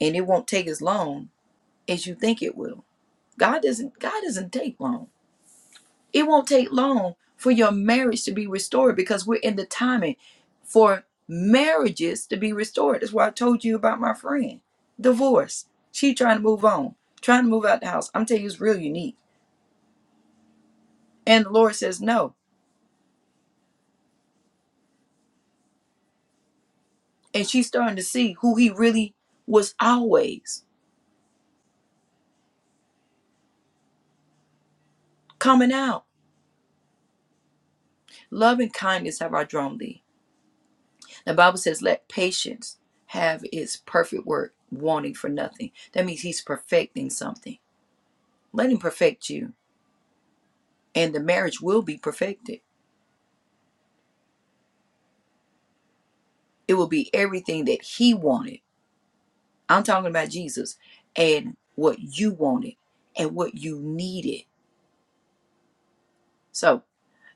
and it won't take as long as you think it will. God doesn't God doesn't take long. It won't take long for your marriage to be restored because we're in the timing for marriages to be restored. That's why I told you about my friend. Divorce. She trying to move on, trying to move out the house. I'm telling you, it's real unique. And the Lord says no. And she's starting to see who he really was always coming out. Love and kindness have I drawn thee. The Bible says, let patience have its perfect work, wanting for nothing. That means he's perfecting something. Let him perfect you, and the marriage will be perfected. It will be everything that he wanted. I'm talking about Jesus and what you wanted and what you needed. So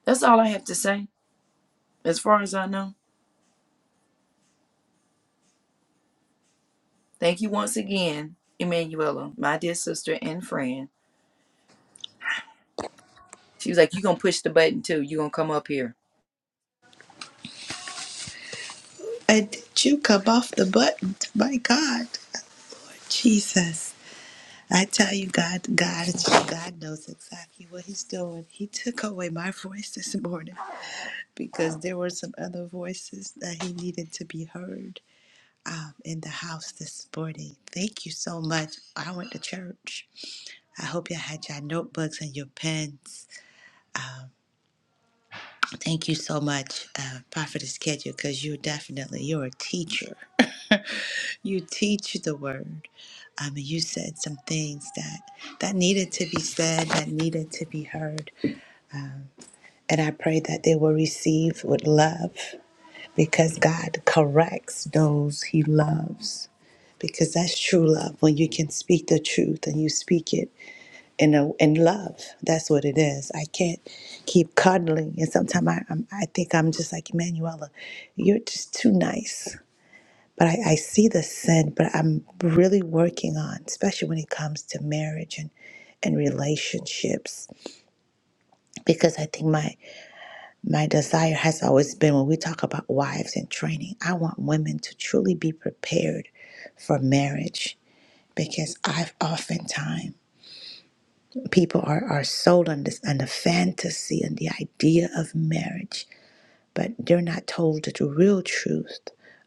that's all I have to say as far as I know. Thank you once again, Emanuela, my dear sister and friend. She was like, you gonna push the button too. you gonna come up here.
And did you come off the button? My God. Lord Jesus. I tell you, God, God, God knows exactly what He's doing. He took away my voice this morning. because there were some other voices that he needed to be heard um, in the house this morning. Thank you so much. I went to church. I hope you all had your notebooks and your pens. Thank you so much, uh, Prophetess Kedja, because you're definitely you're a teacher. (laughs) you teach the word. Um, and you said some things that that needed to be said, that needed to be heard, and I pray that they will receive with love. because God corrects those he loves. Because that's true love when you can speak the truth and you speak it in a, in love. That's what it is. I can't keep cuddling, and sometimes I I'm, I think I'm just like Emanuela, you're just too nice. But I, I see the sin, but I'm really working on, especially when it comes to marriage and and relationships, because I think my My desire has always been when we talk about wives and training, I want women to truly be prepared for marriage because I've oftentimes people are, are sold on this on the fantasy and the idea of marriage, but they're not told the real truth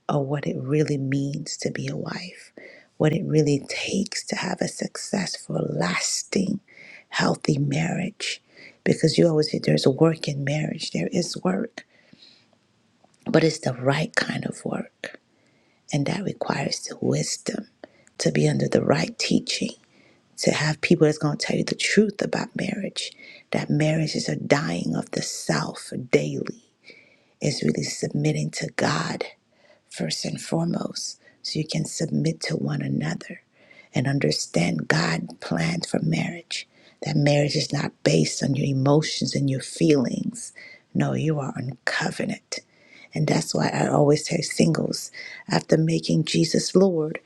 of what it really means to be a wife, what it really takes to have a successful, lasting, healthy marriage. Because you always say there's work in marriage. There is work but it's the right kind of work. And that requires the wisdom to be under the right teaching, to have people that's going to tell you the truth about marriage, that marriage is a dying of the self daily, is really submitting to God first and foremost, so you can submit to one another and understand God's plan for marriage. That marriage is not based on your emotions and your feelings. No, you are on covenant. And that's why I always say, singles, after making Jesus Lord,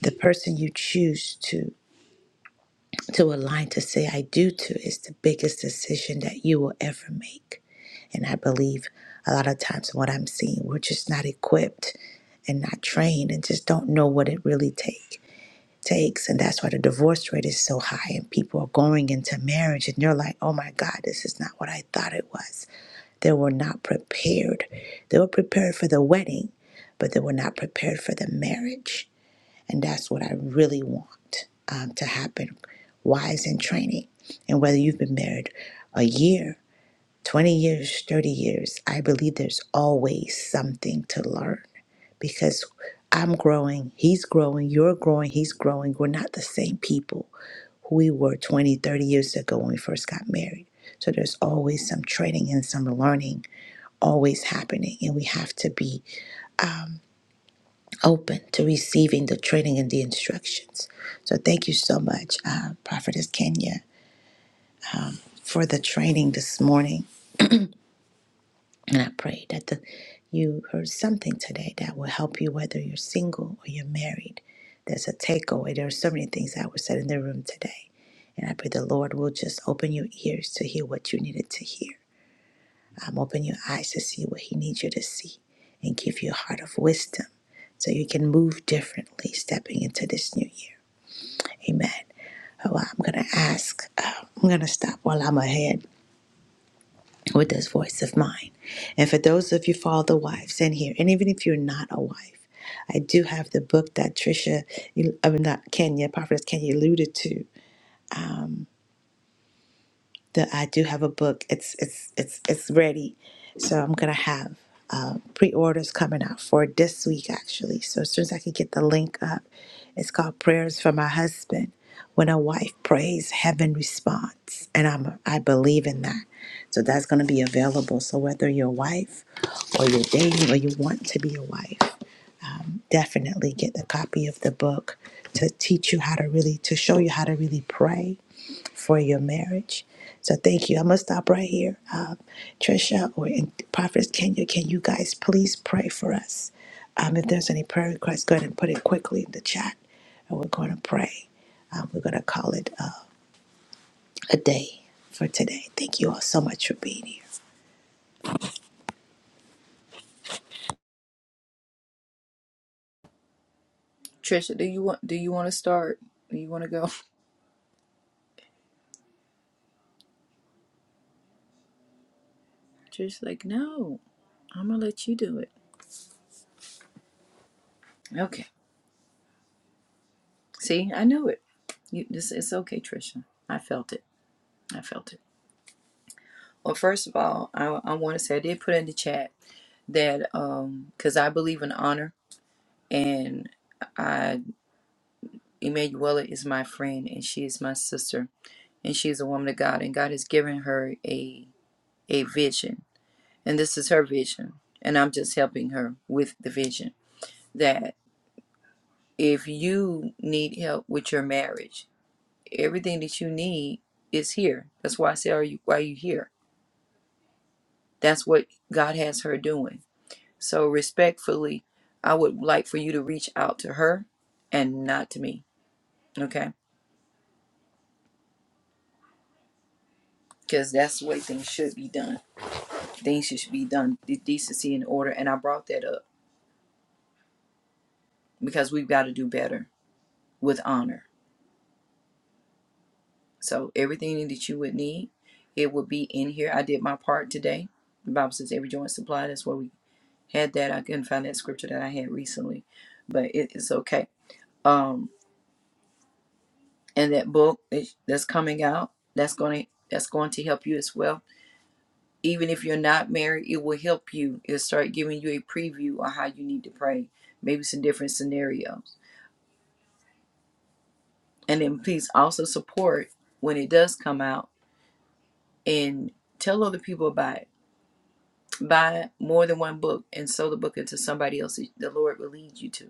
the person you choose to to align to say I do to is the biggest decision that you will ever make. And I believe a lot of times what I'm seeing, we're just not equipped and not trained and just don't know what it really take takes. And that's why the divorce rate is so high and people are going into marriage and they're like, oh my God, this is not what I thought it was. They were not prepared. They were prepared for the wedding, but they were not prepared for the marriage. And that's what I really want um, to happen. Wise in training. And whether you've been married a year, 20 years, 30 years, I believe there's always something to learn because I'm growing, he's growing, you're growing, he's growing. We're not the same people who we were 20, 30 years ago when we first got married. So there's always some training and some learning always happening and we have to be open to receiving the training and the instructions. So thank you so much, uh, Prophetess Kenya, for the training this morning. And I pray that the, you heard something today that will help you, whether you're single or you're married. There's a takeaway. There are so many things that were said in the room today. And I pray the Lord will just open your ears to hear what you needed to hear. Um, open your eyes to see what He needs you to see and give you a heart of wisdom so you can move differently stepping into this new year. Amen. Oh, I'm going to ask, uh, I'm going to stop while I'm ahead with this voice of mine. And for those of you father wives in here, and even if you're not a wife, I do have the book that Trisha, I mean, not Kenya, Prophetess Kenya alluded to. that I do have a book. It's it's it's it's ready. So I'm gonna have uh, pre-orders coming out for this week actually. So as soon as I can get the link up, it's called Prayers for My Husband. When a wife prays, heaven responds, and I'm I believe in that. So that's gonna be available. So whether you're a wife or you're dating or you want to be a wife, um, definitely get the copy of the book to teach you how to really to show you how to really pray for your marriage so thank you i'm gonna stop right here um, trisha or and prophetess kenya can you guys please pray for us um, if there's any prayer requests go ahead and put it quickly in the chat and we're going to pray um, we're going to call it uh, a day for today thank you all so much for being here
Trisha, do you want do you wanna start? Do you wanna go? Just like, no, I'm gonna let you do it. Okay. See, I knew it. You, this it's okay, Trisha. I felt it. I felt it. Well, first of all, I, I want to say I did put in the chat that um because I believe in honor and I Emanuela is my friend and she is my sister and she is a woman of God and God has given her a a vision and this is her vision and I'm just helping her with the vision that if you need help with your marriage everything that you need is here. That's why I say, "Are you? Why are you here?" That's what God has her doing. So respectfully, I would like for you to reach out to her, and not to me. Okay, because that's the way things should be done. Things should be done de- decency and order. And I brought that up because we've got to do better with honor. So everything that you would need, it would be in here. I did my part today. The Bible says every joint supplied. That's what we had that. I couldn't find that scripture that I had recently, but it is okay. Um, and that book is- that's coming out, that's going to that's going to help you as well. Even if you're not married, it will help you. It'll start giving you a preview on how you need to pray, maybe some different scenarios. And then please also support when it does come out and tell other people about it. Buy more than one book and sow the book into somebody else that the Lord will lead you to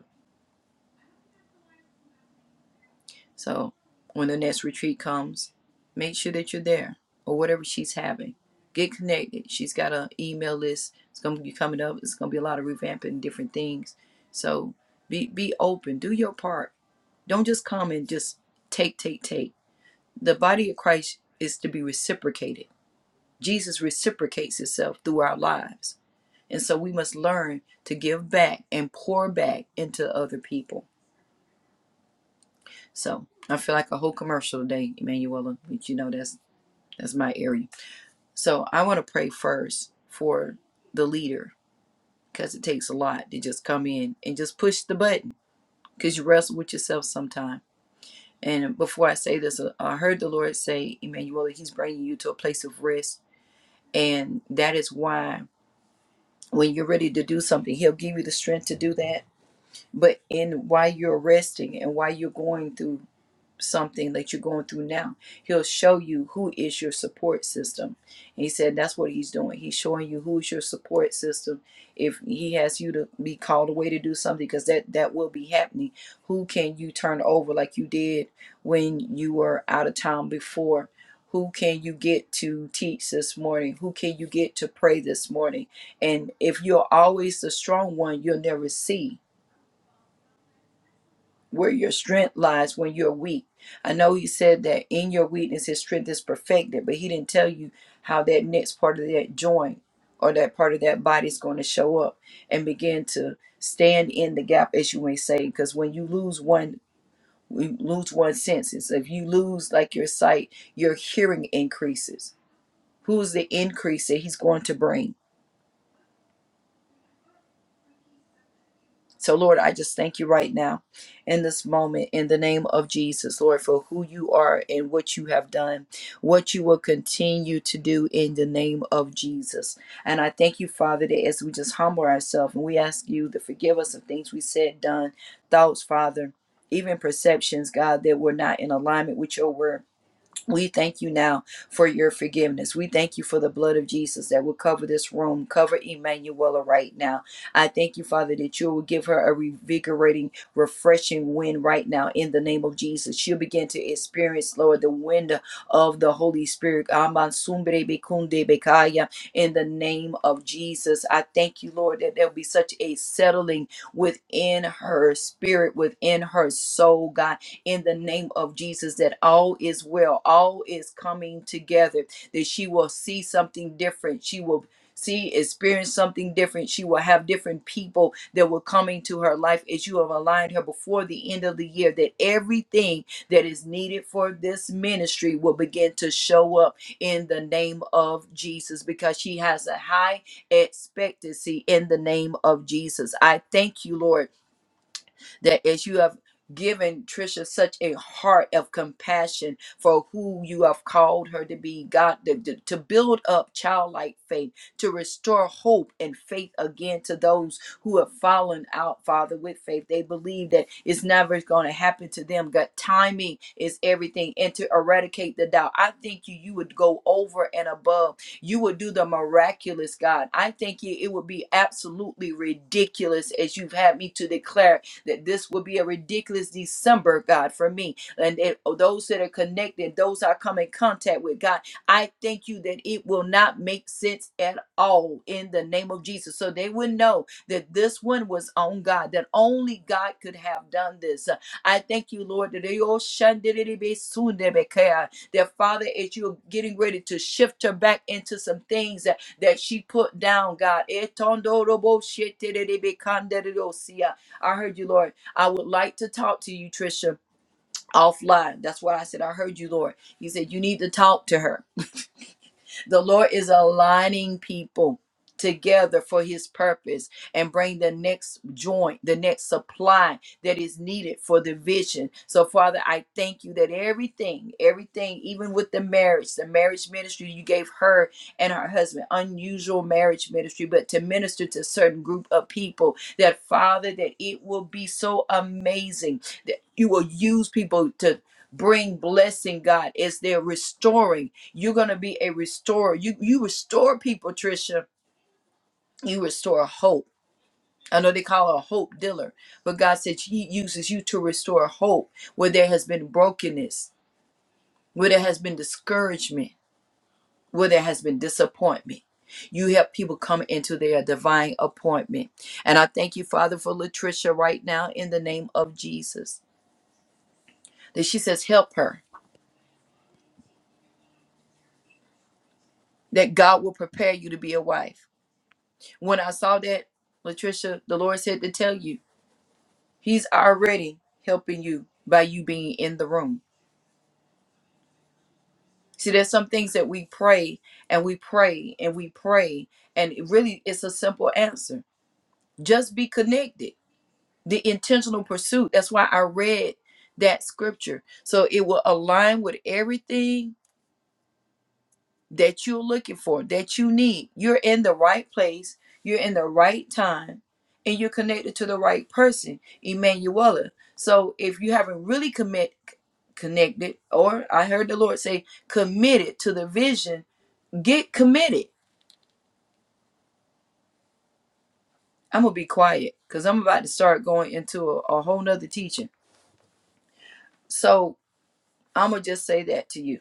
So when the next retreat comes, make sure that you're there or whatever she's having. Get connected. She's got an email list. It's gonna be coming up. It's gonna be a lot of revamping different things. So be be open. Do your part. Don't just come and just take, take, take. The body of Christ is to be reciprocated. Jesus reciprocates himself through our lives. And so we must learn to give back and pour back into other people. So I feel like a whole commercial today, Emanuela, but you know that's That's my area. So I want to pray first for the leader because it takes a lot to just come in and just push the button because you wrestle with yourself sometime. And before I say this, uh, I heard the Lord say, Emmanuel, He's bringing you to a place of rest. And that is why when you're ready to do something, He'll give you the strength to do that. But in while you're resting and while you're going through something that you're going through now. He'll show you who is your support system. And he said that's what he's doing. He's showing you who's your support system. If he has you to be called away to do something, because that that will be happening. Who can you turn over like you did when you were out of town before? Who can you get to teach this morning? Who can you get to pray this morning? And if you're always the strong one, you'll never see where your strength lies when you're weak. I know he said that in your weakness his strength is perfected, but he didn't tell you how that next part of that joint or that part of that body is going to show up and begin to stand in the gap as you may say because when you lose one you lose one senses if you lose like your sight your hearing increases who's the increase that he's going to bring So, Lord, I just thank you right now in this moment in the name of Jesus, Lord, for who you are and what you have done, what you will continue to do in the name of Jesus. And I thank you, Father, that as we just humble ourselves and we ask you to forgive us of things we said, done, thoughts, Father, even perceptions, God, that were not in alignment with your word. We thank you now for your forgiveness. We thank you for the blood of Jesus that will cover this room, cover Emanuela right now. I thank you, Father, that you will give her a revigorating, refreshing wind right now in the name of Jesus. She'll begin to experience, Lord, the wind of the Holy Spirit. Aman sumbre bekunde bekaya. In the name of Jesus, I thank you, Lord, that there'll be such a settling within her spirit, within her soul, God in the name of Jesus that all is well, all is coming together, that she will see something different. She will see, experience something different. She will have different people that will come into her life as you have aligned her before the end of the year, that everything that is needed for this ministry will begin to show up in the name of Jesus because she has a high expectancy in the name of Jesus. I thank you, Lord that as you have given Trisha such a heart of compassion for who you have called her to be, God, to, to to build up childlike faith, to restore hope and faith again to those who have fallen out, Father, with faith. They believe that it's never going to happen to them. God, timing is everything, and to eradicate the doubt. I thank you, you would go over and above. You would do the miraculous, God. I thank you, it would be absolutely ridiculous as you've had me to declare that this will be a ridiculous December, God, for me. And that those that are connected, those I come in contact with, God, I thank you that it will not make sense at all in the name of Jesus. So they would know that this one was on God, that only God could have done this. I thank you, Lord, that they all shunned it, that Father, as you're getting ready to shift her back into some things that, that she put down, God. Etondorobo I heard you, Lord. I would like to talk to you, Trisha, offline. That's what I said. I heard you, Lord. You said you need to talk to her. The Lord is aligning people together for his purpose and bring the next joint, the next supply that is needed for the vision. So, Father, I thank you that everything, everything, even with the marriage, the marriage ministry you gave her and her husband, unusual marriage ministry, but to minister to a certain group of people, that Father, that it will be so amazing that you will use people to bring blessing, God, as they're restoring. You're gonna be a restorer. You you restore people, Trisha. You restore hope. I know they call her a hope dealer, but God said He uses you to restore hope where there has been brokenness, where there has been discouragement, where there has been disappointment. You help people come into their divine appointment. And I thank you, Father, for Latricia right now in the name of Jesus. That she says, help her, that God will prepare you to be a wife When I saw that, Latricia, the Lord said to tell you, He's already helping you by you being in the room. See, there's some things that we pray and we pray and we pray, and it really it's a simple answer. Just be connected. The intentional pursuit. That's why I read that scripture. So it will align with everything that you're looking for, that you need. You're in the right place, you're in the right time, and you're connected to the right person, Emanuela. So if you haven't really commit connected, or I heard the Lord say committed to the vision, get committed. I'm gonna be quiet because I'm about to start going into a, a whole nother teaching. So I'm gonna just say that to you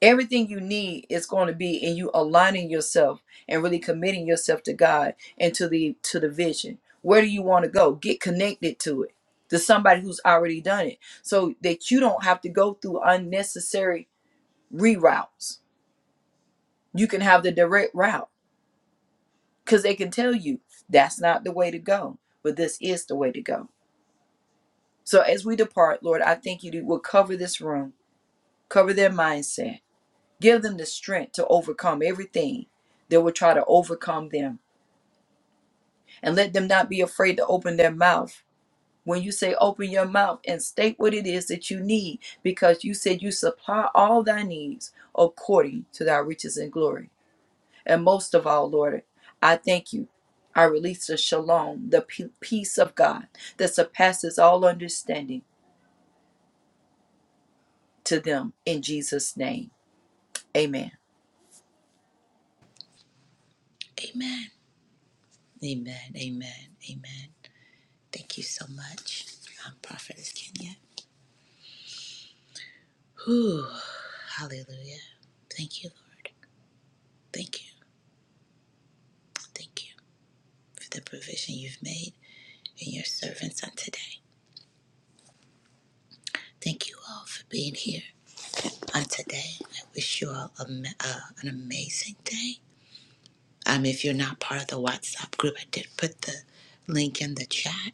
Everything you need is going to be in you aligning yourself and really committing yourself to God and to the to the vision. Where do you want to go? Get connected to it. To somebody who's already done it so that you don't have to go through unnecessary reroutes. You can have the direct route cuz they can tell you that's not the way to go, but this is the way to go. So as we depart, Lord, I thank you that you will cover this room, cover their mindset Give them the strength to overcome everything that will try to overcome them. And let them not be afraid to open their mouth. When you say open your mouth and state what it is that you need, because you said you supply all thy needs according to thy riches and glory. And most of all, Lord, I thank you. I release the shalom, the pe- peace of God that surpasses all understanding to them in Jesus' name. Amen.
amen amen amen amen thank you so much um, prophetess kenya Whew. Hallelujah. Thank you, Lord. Thank you. Thank you for the provision you've made in your servants on today. Thank you all for being here on today. I wish you all a, uh, an amazing day. Um, if you're not part of the WhatsApp group, I did put the link in the chat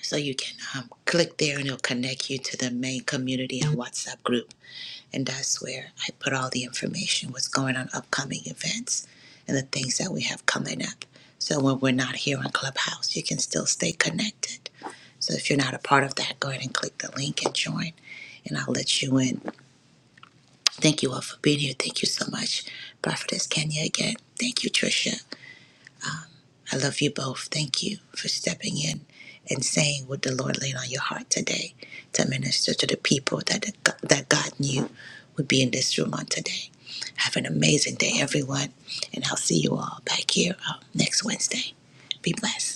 so you can um, click there and it'll connect you to the main community and WhatsApp group. And that's where I put all the information, what's going on, upcoming events, and the things that we have coming up. So when we're not here on Clubhouse, you can still stay connected. So if you're not a part of that, go ahead and click the link and join, and I'll let you in. Thank you all for being here. Thank you so much, Prophetess Kenya again. Thank you, Trisha. I love you both. Thank you for stepping in and saying what the Lord laid on your heart today to minister to the people that that God knew would be in this room on today. Have an amazing day, everyone, and I'll see you all back here uh, next Wednesday. Be blessed.